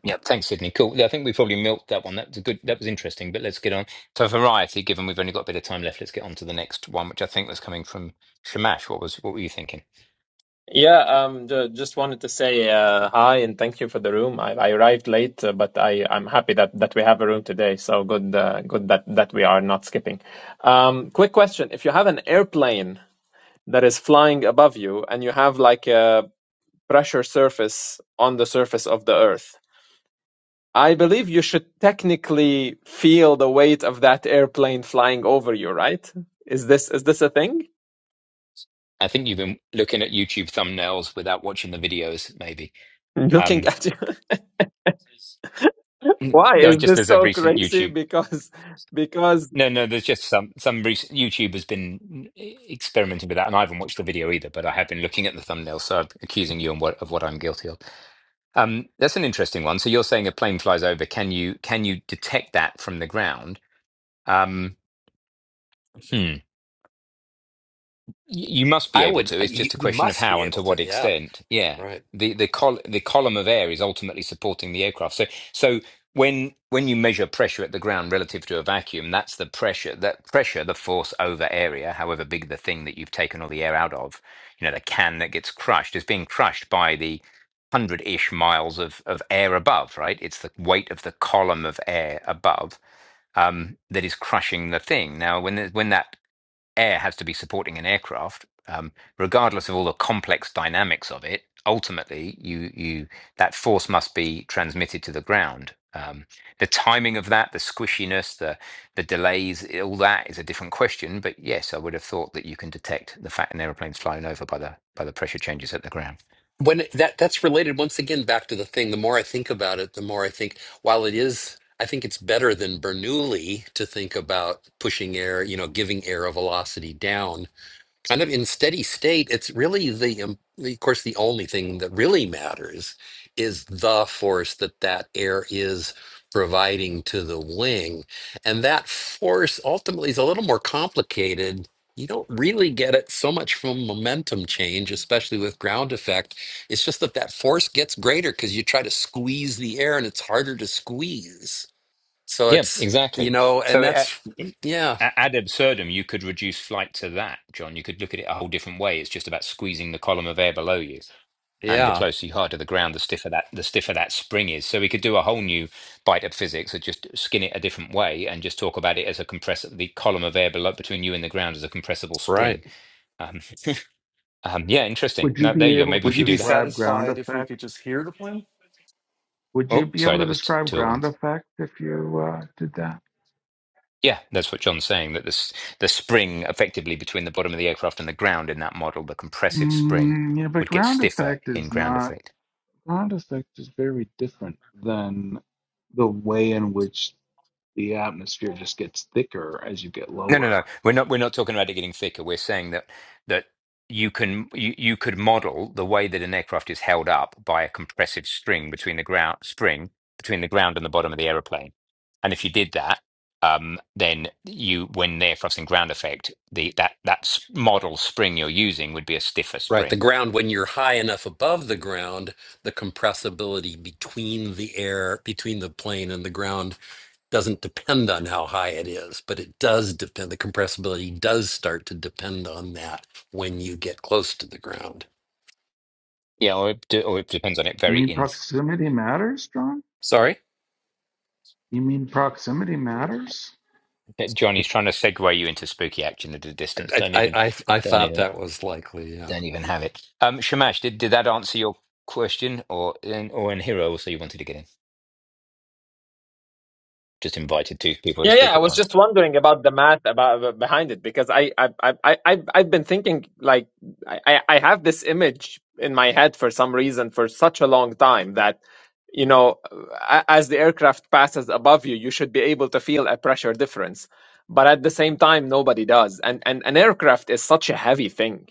Speaker 2: Yeah, thanks, Sydney. Cool. Yeah, I think we probably milked that one. That was a good. That was interesting. But let's get on for variety. Given we've only got a bit of time left, let's get on to the next one, which I think was coming from Shamash. What was? What were you thinking?
Speaker 10: Yeah, um, ju- just wanted to say uh, hi and thank you for the room. I, I arrived late, uh, but I I'm happy that that we have a room today. So good, uh, good that that we are not skipping. Um, quick question: If you have an airplane that is flying above you and you have like a pressure surface on the surface of the Earth, I believe you should technically feel the weight of that airplane flying over you, right? Is this is this a thing?
Speaker 2: I think you've been looking at YouTube thumbnails without watching the videos. Maybe.
Speaker 10: (laughs) Looking
Speaker 2: Um,
Speaker 10: at you. Why
Speaker 2: no,
Speaker 10: is
Speaker 2: just
Speaker 10: this
Speaker 2: there's a
Speaker 10: so
Speaker 2: recent
Speaker 10: crazy? (laughs)
Speaker 2: YouTube.
Speaker 10: Because because
Speaker 2: No, no, there's just some some recent YouTube has been experimenting with that, and I haven't watched the video either. But I have been looking at the thumbnail, so I'm accusing you on what, of what I'm guilty of. Um, that's an interesting one. So you're saying a plane flies over. Can you can you detect that from the ground? Um, hmm. You must be
Speaker 3: I
Speaker 2: able
Speaker 3: would.
Speaker 2: to. It's
Speaker 3: You,
Speaker 2: just a
Speaker 3: you
Speaker 2: question of
Speaker 3: must be
Speaker 2: how and
Speaker 3: able
Speaker 2: to
Speaker 3: to.
Speaker 2: what
Speaker 3: Yeah,
Speaker 2: extent. Yeah.
Speaker 3: right.
Speaker 2: The the col the column of air is ultimately supporting the aircraft. So so when when you measure pressure at the ground relative to a vacuum, that's the pressure that pressure, the force over area, however big the thing that you've taken all the air out of, you know, the can that gets crushed is being crushed by the hundred-ish miles of of air above, right? It's the weight of the column of air above um, that is crushing the thing. Now, when the, when that air has to be supporting an aircraft, um, regardless of all the complex dynamics of it. Ultimately, you you that force must be transmitted to the ground. Um, the timing of that, the squishiness, the the delays, all that is a different question. But yes, I would have thought that you can detect the fact an aeroplane's flying over by the by the pressure changes at the ground.
Speaker 3: when that that's related once again back to the thing the more i think about it the more i think while it is i think it's better than bernoulli to think about pushing air you know giving air a velocity down kind of in steady state, it's really the, um, the- of course, the only thing that really matters is the force that that air is providing to the wing. And that force ultimately is a little more complicated. You don't really get it so much from momentum change, especially with ground effect. It's just that that force gets greater because you try to squeeze the air and it's harder to squeeze. So
Speaker 2: Yeah,
Speaker 3: it's, you
Speaker 2: exactly.
Speaker 3: know, and
Speaker 2: So uh,
Speaker 3: that's,
Speaker 2: a-
Speaker 3: yeah,
Speaker 2: ad absurdum, you could reduce flight to that, John. You could look at it a whole different way. It's just about squeezing the column of air below you. and the
Speaker 3: yeah,
Speaker 2: closer you are to the ground, the stiffer that the stiffer that spring is. So we could do a whole new bite at physics, or just skin it a different way, and just talk about it as a compress the column of air below between you and the ground as a compressible
Speaker 3: right.
Speaker 2: spring. Um, um, yeah, interesting.
Speaker 5: Would you
Speaker 2: Now
Speaker 5: be
Speaker 2: there you go.
Speaker 5: able
Speaker 2: Maybe we
Speaker 5: to
Speaker 8: Would you
Speaker 2: should
Speaker 8: be
Speaker 2: do that.
Speaker 5: describe ground
Speaker 8: satisfied if we
Speaker 5: effect?
Speaker 8: could just hear the plane?
Speaker 5: Would
Speaker 2: Oh,
Speaker 5: you be able
Speaker 2: sorry,
Speaker 5: to
Speaker 2: that was t-
Speaker 5: describe
Speaker 2: two at
Speaker 5: ground
Speaker 2: once.
Speaker 5: effect if you uh, did that?
Speaker 2: Yeah, that's what John's saying. That this the spring effectively between the bottom of the aircraft and the ground in that model, the compressive spring,
Speaker 5: Mm, yeah, but
Speaker 2: would get
Speaker 5: ground
Speaker 2: stiffer
Speaker 5: effect
Speaker 2: in
Speaker 5: is
Speaker 2: ground
Speaker 5: not.
Speaker 2: effect.
Speaker 5: Ground effect is very different than the way in which the atmosphere just gets thicker as you get
Speaker 2: No, no, no.
Speaker 5: lower.
Speaker 2: We're not. We're not talking about it getting thicker. We're saying that that you can you, you could model the way that an aircraft is held up by a compressive string between the ground spring between the ground and the bottom of the aeroplane. And if you did that, um, then you when the aircraft's in ground effect, the that that s- model spring you're using would be a stiffer
Speaker 3: Right. The
Speaker 2: spring.
Speaker 3: ground, when you're high enough above the ground, the compressibility between the air, between the plane and the ground doesn't depend on how high it is, but it does depend, the compressibility does start to depend on that when you get close to the ground.
Speaker 2: Yeah, or it, de- or it depends on it.
Speaker 5: You
Speaker 2: Very
Speaker 5: mean
Speaker 2: in.
Speaker 5: proximity matters, John?
Speaker 3: Sorry?
Speaker 5: You mean proximity matters?
Speaker 2: Johnny's trying to segue you into spooky action at a distance.
Speaker 3: I,
Speaker 2: Don't
Speaker 3: I,
Speaker 2: even.
Speaker 3: I, I
Speaker 2: Don't
Speaker 3: thought
Speaker 2: even.
Speaker 3: that was likely, yeah.
Speaker 2: Don't even have it. Um, Shamash, did, did that answer your question, or in, or in Hero also you wanted to get in? Just invited two people to
Speaker 10: yeah yeah
Speaker 2: speak
Speaker 10: I
Speaker 2: at
Speaker 10: was
Speaker 2: once.
Speaker 10: just wondering about the math about about- behind it because I I I I I've I've been thinking like I I I have this image in my head for some reason for such a long time that you know a- as the aircraft passes above you you should be able to feel a pressure difference but at the same time nobody does and and an aircraft is such a heavy thing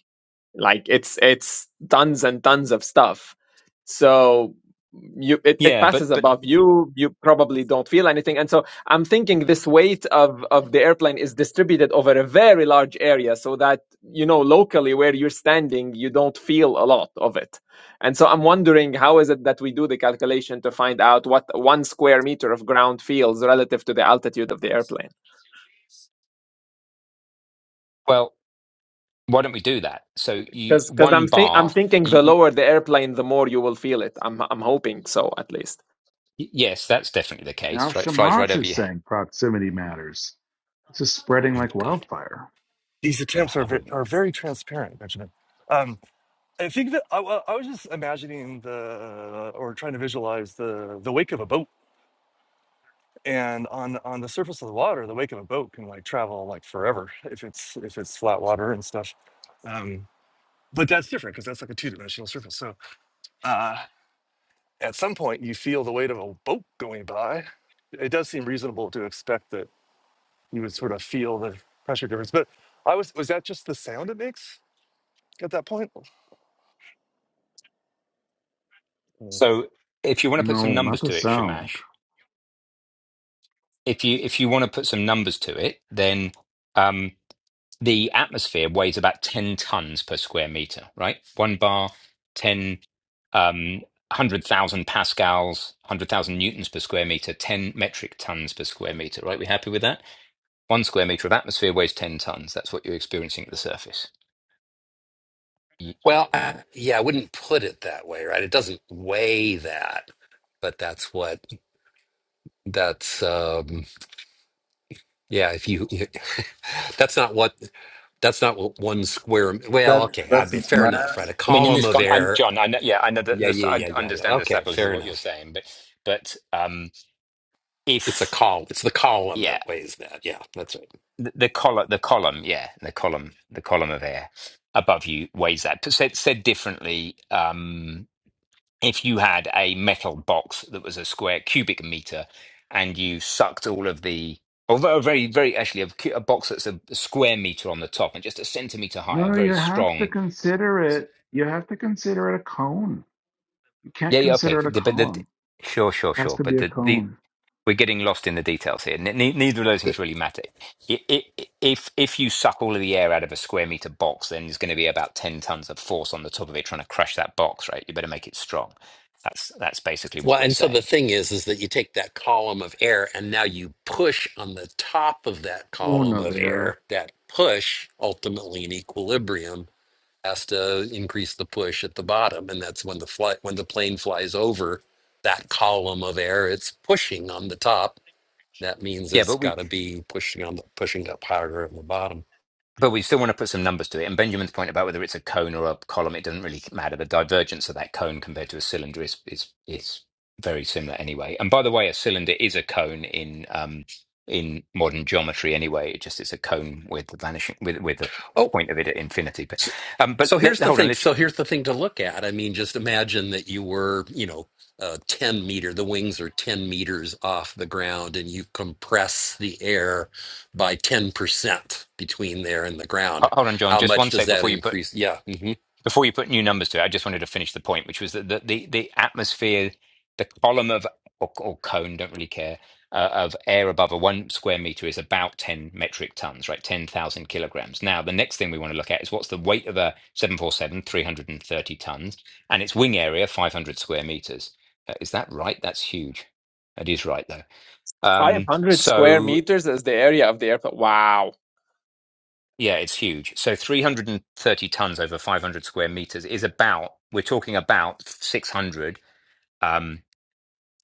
Speaker 10: like it's it's tons and tons of stuff so you it, it
Speaker 2: Yeah,
Speaker 10: passes
Speaker 2: but but
Speaker 10: above you you probably don't feel anything and so i'm thinking this weight of of the airplane is distributed over a very large area so that you know locally where you're standing you don't feel a lot of it and so i'm wondering how is it that we do the calculation to find out what one square meter of ground feels relative to the altitude of the airplane
Speaker 2: well, why don't we do that? So you
Speaker 10: because because I'm
Speaker 2: one
Speaker 10: think I'm
Speaker 2: bar,
Speaker 10: thinking
Speaker 2: you,
Speaker 10: the
Speaker 2: you
Speaker 10: lower the airplane, the more you will feel it. I'm I'm hoping so at least.
Speaker 2: yes, that's definitely the
Speaker 5: Now
Speaker 2: case, right? Flies right
Speaker 5: Shamash
Speaker 2: over
Speaker 5: is
Speaker 2: your
Speaker 5: saying proximity matters. This is spreading like
Speaker 2: God,
Speaker 5: wildfire.
Speaker 8: These
Speaker 2: oh
Speaker 8: attempts are
Speaker 2: God.
Speaker 8: ve-
Speaker 2: here we go.
Speaker 8: are very transparent, Benjamin. Um, I think that I, wa- I was just imagining the or trying to visualize the the wake of a boat, and on on the surface of the water, the wake of a boat can like travel like forever if it's if it's flat water and stuff. Um, but that's different because that's like a two dimensional surface. So Uh, at some point, you feel the weight of a boat going by. It does seem reasonable to expect that you would sort of feel the pressure difference. But I was, was that just the sound it makes at that point? Mm.
Speaker 2: So if you want to put some
Speaker 5: No, not
Speaker 2: numbers
Speaker 5: the
Speaker 2: to it,
Speaker 5: sound.
Speaker 2: Shamash, if you if you want to put some numbers to it, then um, the atmosphere weighs about ten tons per square meter, right? One bar, ten, um, one hundred thousand pascals, one hundred thousand newtons per square meter, ten metric tons per square meter, right? We happy with that? One square meter of atmosphere weighs ten tons. That's what you're experiencing at the surface. I
Speaker 3: Well, uh, yeah, I wouldn't put it that way, right? It doesn't weigh that, but that's what, that's, um, yeah, if you, (laughs) that's not what. That's not what one square. Well,
Speaker 9: that
Speaker 3: okay, I
Speaker 9: thats
Speaker 3: mean, fair
Speaker 9: not matter.
Speaker 3: enough, right? A
Speaker 2: mean, in
Speaker 3: column
Speaker 2: this
Speaker 3: of
Speaker 2: con, i
Speaker 3: air.
Speaker 2: John, I know, yeah, I know that
Speaker 3: Yeah,
Speaker 2: this,
Speaker 3: yeah,
Speaker 2: I
Speaker 3: yeah, yeah, yeah.
Speaker 2: understand the
Speaker 3: Okay,
Speaker 2: subtleties of
Speaker 3: fair
Speaker 2: what you're
Speaker 3: enough.
Speaker 2: saying, but, but um,
Speaker 3: It's a
Speaker 2: if
Speaker 3: col. It's the column
Speaker 2: yeah,
Speaker 3: that weighs that. Yeah, that's right.
Speaker 2: the, the column, the column, yeah, the column, the column of air above you weighs that. But said, said differently, um, if you had a metal box that was a square cubic meter, and you sucked all of the, although a very, very actually a, cu- a box that's a, square meter on the top and just a centimeter higher,
Speaker 5: No, you
Speaker 2: very
Speaker 5: have to
Speaker 2: strong.
Speaker 5: consider it. You have to consider it a cone. You can't
Speaker 2: Yeah, yeah,
Speaker 5: consider
Speaker 2: okay,
Speaker 5: it a
Speaker 2: the- but the,
Speaker 5: column.
Speaker 2: sure, sure,
Speaker 5: It has
Speaker 2: sure.
Speaker 5: to be
Speaker 2: But
Speaker 5: a
Speaker 2: the, the
Speaker 5: cone.
Speaker 2: we're getting lost in the details here. Ne- ne- neither of those
Speaker 3: Th-
Speaker 2: things really matter. I- i- if if you suck all of the air out of a square meter box, then there's going to be about ten tons of force on the top of it trying to crush that box, right? You better make it strong. That's that's basically
Speaker 3: Well,
Speaker 2: what we're
Speaker 3: and so the
Speaker 2: saying.
Speaker 3: thing is, is that you take that column of air, and now you push on the top of that column
Speaker 5: Una
Speaker 3: of
Speaker 5: Bear.
Speaker 3: air. That push, ultimately in equilibrium, has to increase the push at the bottom, and that's when the flight when the plane flies over that column of air. It's pushing on the top that means
Speaker 2: Yeah,
Speaker 3: it's
Speaker 2: but we
Speaker 3: got to be pushing on the, pushing up harder at the bottom.
Speaker 2: But we still want to put some numbers to it. And Benjamin's point about whether it's a cone or a column, it doesn't really matter. The divergence of that cone compared to a cylinder is is is very similar anyway. And by the way, a cylinder is a cone in um in modern geometry anyway. It just it's a cone with the vanishing with with the
Speaker 3: Oh,
Speaker 2: point of it at infinity. But
Speaker 3: so,
Speaker 2: um, but
Speaker 3: so here's
Speaker 2: let,
Speaker 3: the
Speaker 2: hold on,
Speaker 3: thing.
Speaker 2: let's,
Speaker 3: So here's the thing to look at. I mean, just imagine that you were, you know, uh, 10 meter. The wings are 10 meters off the ground, and you compress the air by 10 percent between there and the ground.
Speaker 2: hold on, John,
Speaker 3: How
Speaker 2: just
Speaker 3: much
Speaker 2: one
Speaker 3: does
Speaker 2: sec
Speaker 3: that
Speaker 2: before you put
Speaker 3: increase? Yeah, hmm
Speaker 2: before you put new numbers to it, I just wanted to finish the point, which was that the the, the atmosphere, the column of or, or cone, don't really care, uh, of air above a one square meter is about ten metric tons, right? Ten thousand kilograms. Now, the next thing we want to look at is what's the weight of a 747, 330 tons, and its wing area, five hundred square meters. Uh, is that right? That's huge. That is right, though.
Speaker 10: Five
Speaker 2: Um,
Speaker 10: hundred square
Speaker 2: so
Speaker 10: meters is the area of the airplane. Wow.
Speaker 2: Yeah, it's huge. So 330 tons over 500 square meters is about, we're talking about 600 um,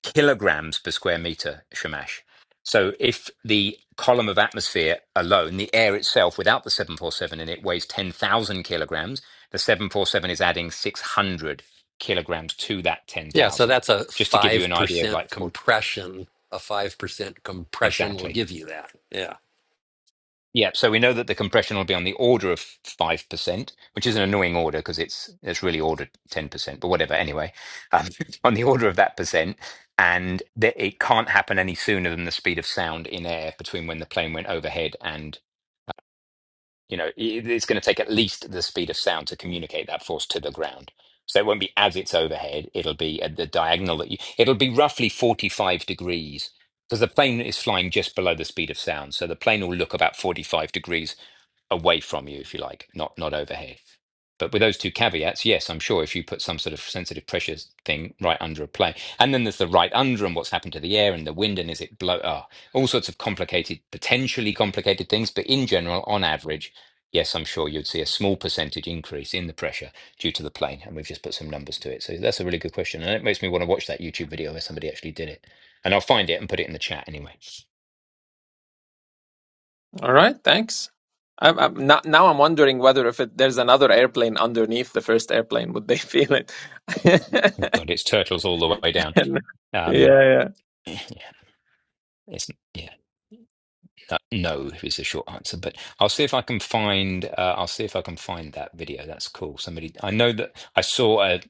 Speaker 2: kilograms per square meter, Shamash. So if the column of atmosphere alone, the air itself without the 747 in it weighs 10,000 kilograms, the 747 is adding 600 kilograms to that
Speaker 3: yeah. So
Speaker 2: 10,000,
Speaker 3: that's a
Speaker 2: just to give you
Speaker 3: five
Speaker 2: an idea of
Speaker 3: percent
Speaker 2: like, or,
Speaker 3: compression. A five percent compression will
Speaker 2: exactly.
Speaker 3: give you that. Yeah.
Speaker 2: Yeah, so we know that the compression will be on the order of 5%, which is an annoying order because it's it's really ordered 10%, but whatever, anyway. Um, (laughs) on the order of that percent, and that it can't happen any sooner than the speed of sound in air between when the plane went overhead and. You know, it, it's going to take at least the speed of sound to communicate that force to the ground. So it won't be as it's overhead. It'll be at the diagonal that you, it'll be roughly 45 degrees because the plane is flying just below the speed of sound. So the plane will look about 45 degrees away from you, if you like, not not overhead. But with those two caveats, yes, I'm sure if you put some sort of sensitive pressure thing right under a plane, and then there's the right under and what's happened to the air and the wind and is it blow? Oh, all sorts of complicated, potentially complicated things. But in general, on average, yes, I'm sure you'd see a small percentage increase in the pressure due to the plane. And we've just put some numbers to it. So that's a really good question. And it makes me want to watch that YouTube video where somebody actually did it. And I'll find it and put it in the chat anyway.
Speaker 10: All right. Thanks. I'm, I'm not, now I'm wondering whether if it, there's another airplane underneath the first airplane, would they feel it?
Speaker 2: (laughs)
Speaker 10: (laughs)
Speaker 2: God, it's turtles all the way down.
Speaker 10: And- yeah,
Speaker 2: Um, (laughs)
Speaker 10: yeah.
Speaker 2: (clears throat) yeah, it's, yeah, uh, no is the short answer. But I'll see if I can find. Uh, I'll see if I can find that video. That's cool. Somebody, I know that I saw a,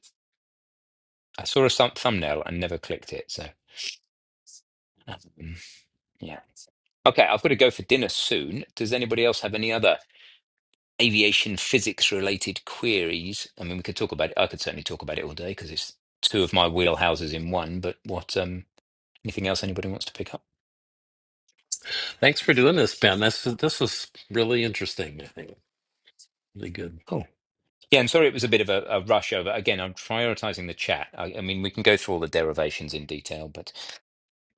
Speaker 2: I saw a thumb- thumbnail and never clicked it. So, um, yeah. Okay, I've got to go for dinner soon. Does anybody else have any other? aviation physics related queries. I mean, we could talk about it. I could certainly talk about it all day because it's two of my wheelhouses in one. But what, um, anything else anybody wants to pick up?
Speaker 3: Thanks for doing this, Ben. This is this was really interesting. I think really good.
Speaker 2: Cool. Yeah, and sorry it was a bit of a, a rush over. Again, I'm prioritizing the chat. I, I mean, we can go through all the derivations in detail, but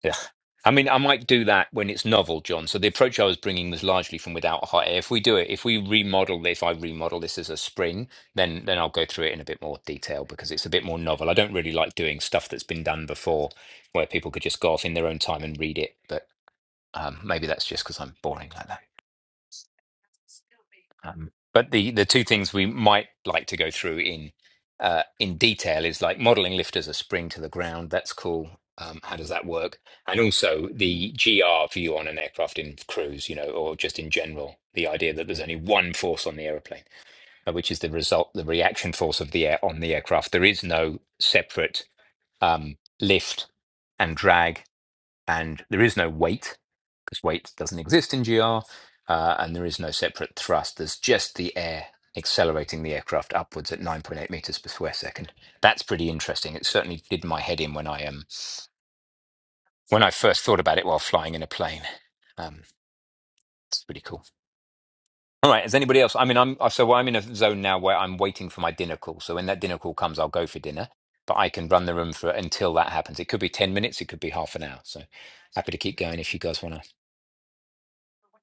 Speaker 2: Yeah. I mean, I might do that when it's novel, John. So the approach I was bringing was largely from without hot air. If we do it, if we remodel, this, if I remodel this as a spring, then then I'll go through it in a bit more detail because it's a bit more novel. I don't really like doing stuff that's been done before, where people could just go off in their own time and read it. But um, maybe that's just because I'm boring like that. Um, but the the two things we might like to go through in uh, in detail is like modeling lift as a spring to the ground. That's cool. Um, how does that work? And also the GR view on an aircraft in cruise, you know, or just in general, the idea that there's only one force on the aeroplane, uh, which is the result, the reaction force of the air on the aircraft. There is no separate um, lift and drag and there is no weight because weight doesn't exist in GR, uh, and there is no separate thrust. There's just the air accelerating the aircraft upwards at 9.8 meters per square second. That's pretty interesting. It certainly did my head in when I um when I first thought about it while flying in a plane. Um, it's pretty cool. All right. Is anybody else? I mean, I'm so I'm in a zone now where I'm waiting for my dinner call. So when that dinner call comes, I'll go for dinner. But I can run the room for until that happens. It could be ten minutes. It could be half an hour. So happy to keep going if you guys want to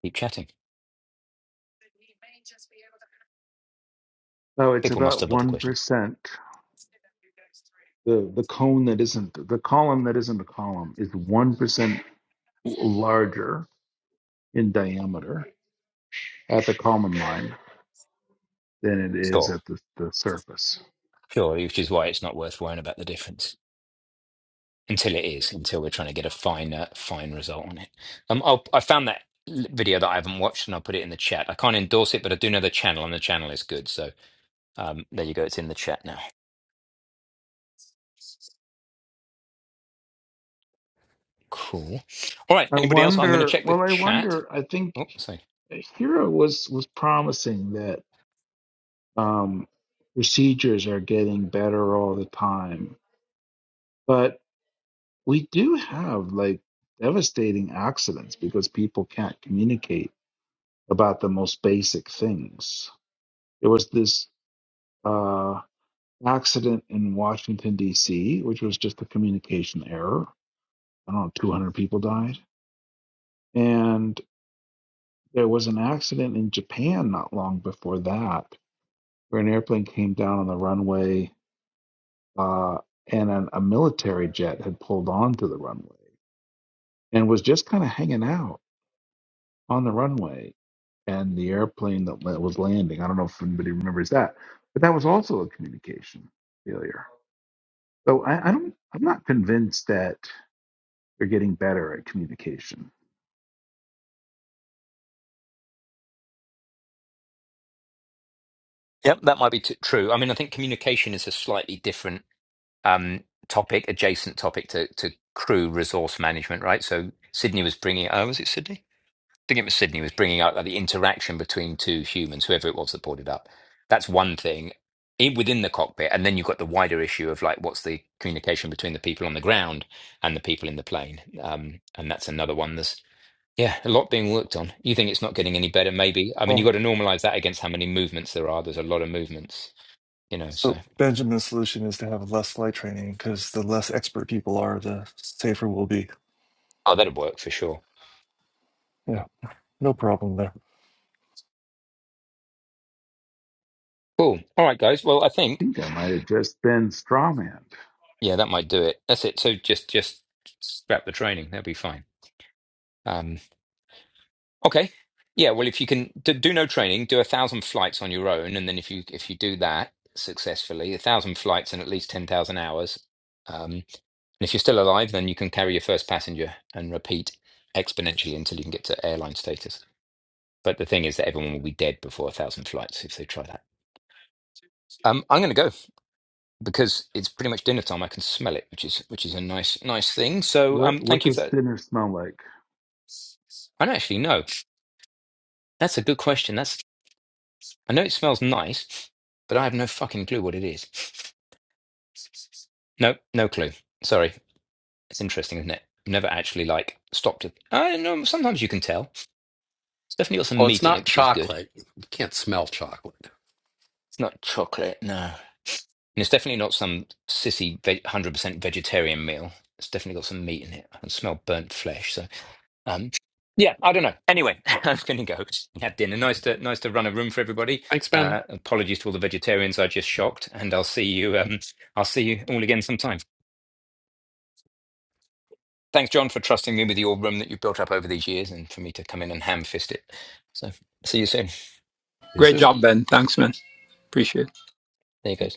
Speaker 2: keep chatting.
Speaker 5: So it's
Speaker 2: People must
Speaker 5: about
Speaker 2: have other questions.
Speaker 5: 1%. The, the cone that isn't, the column that isn't a column is 1% larger in diameter at the common line than it is
Speaker 2: Sure,
Speaker 5: at the, the surface.
Speaker 2: sure, which is why it's not worth worrying about the difference until it is, until we're trying to get a fine, uh, fine result on it. Um, I'll, I found that l- video that I haven't watched, and I'll put it in the chat. I can't endorse it, but I do know the channel, and the channel is good. So um, there you go. It's in the chat now. Cool. All right.
Speaker 5: I
Speaker 2: Anybody else? I'm going to
Speaker 5: wonder,
Speaker 2: check the
Speaker 5: well, I
Speaker 2: chat.
Speaker 5: wonder, I think
Speaker 2: Oh, sorry.
Speaker 5: Hero was, was promising that um, procedures are getting better all the time. But we do have like devastating accidents because people can't communicate about the most basic things. There was this uh, accident in Washington, D.C., which was just a communication error. I don't know, 200 people died. And there was an accident in Japan not long before that, where an airplane came down on the runway uh, and an, a military jet had pulled onto the runway and was just kind of hanging out on the runway and the airplane that la- was landing. I don't know if anybody remembers that, but that was also a communication failure. So I, I don't, I'm not convinced that they are getting better at communication.
Speaker 2: Yep, that might be t- true. I mean, I think communication is a slightly different um, topic, adjacent topic to, to crew resource management, right? So Sydney was bringing. Oh, was it Sydney? I think it was Sydney was bringing out like, the interaction between two humans, whoever it was that brought it up. That's one thing in, within the cockpit, and then you've got the wider issue of like what's the communication between the people on the ground and the people in the plane, um, and that's another one. There's yeah, a lot being worked on. You think it's not getting any better? Maybe. I mean, you've got
Speaker 8: Well,
Speaker 2: to normalize that against how many movements there are. There's a lot of movements, you know. So
Speaker 8: so Benjamin's solution is to have less flight training because the less expert people are, the safer we'll be.
Speaker 2: oh, that'll work for sure.
Speaker 8: Yeah. No problem there.
Speaker 2: Cool. All right, guys. Well, I think
Speaker 5: I think I might have just been strawmanned.
Speaker 2: yeah, that might do it. That's it. So just just scrap the training. That'll be fine. Um. Okay. Yeah, well, if you can do, do no training, do a thousand flights on your own, and then if you if you do that successfully, a thousand flights and at least ten thousand hours, um, and if you're still alive, then you can carry your first passenger and repeat exponentially until you can get to airline status. But the thing is that everyone will be dead before a thousand flights if they try that. Um, I'm going to go because it's pretty much dinner time. I can smell it, which is which is a nice nice thing. So,
Speaker 5: What
Speaker 2: um,
Speaker 5: what
Speaker 2: thank you
Speaker 5: does
Speaker 2: for.
Speaker 5: dinner smell like?
Speaker 2: I don't actually know. That's a good question. That's I know it smells nice, but I have no fucking clue what it is. No, no clue. Sorry. It's interesting, isn't it? I've never actually like stopped it. I don't know. Sometimes you can tell. It's definitely got some
Speaker 3: Well, it's
Speaker 2: meat in
Speaker 3: not
Speaker 2: it, which is good.
Speaker 3: chocolate. You can't smell chocolate.
Speaker 2: It's not chocolate, no. And it's definitely not some sissy ve- 100% vegetarian meal. It's definitely got some meat in it. I can smell burnt flesh. So, um, yeah, I don't know. Anyway, (laughs) I'm going to go and have dinner. Nice to nice to run a room for everybody.
Speaker 3: Thanks, Ben.
Speaker 2: Uh, apologies to all the vegetarians I just shocked, and I'll see you. Um, I'll see you all again sometime. Thanks, John, for trusting me with your room that you've built up over these years and for me to come in and ham fist it. So see you soon.
Speaker 3: See you
Speaker 1: Great
Speaker 3: soon.
Speaker 1: job, Ben. Thanks, man. Appreciate it.
Speaker 2: There you go.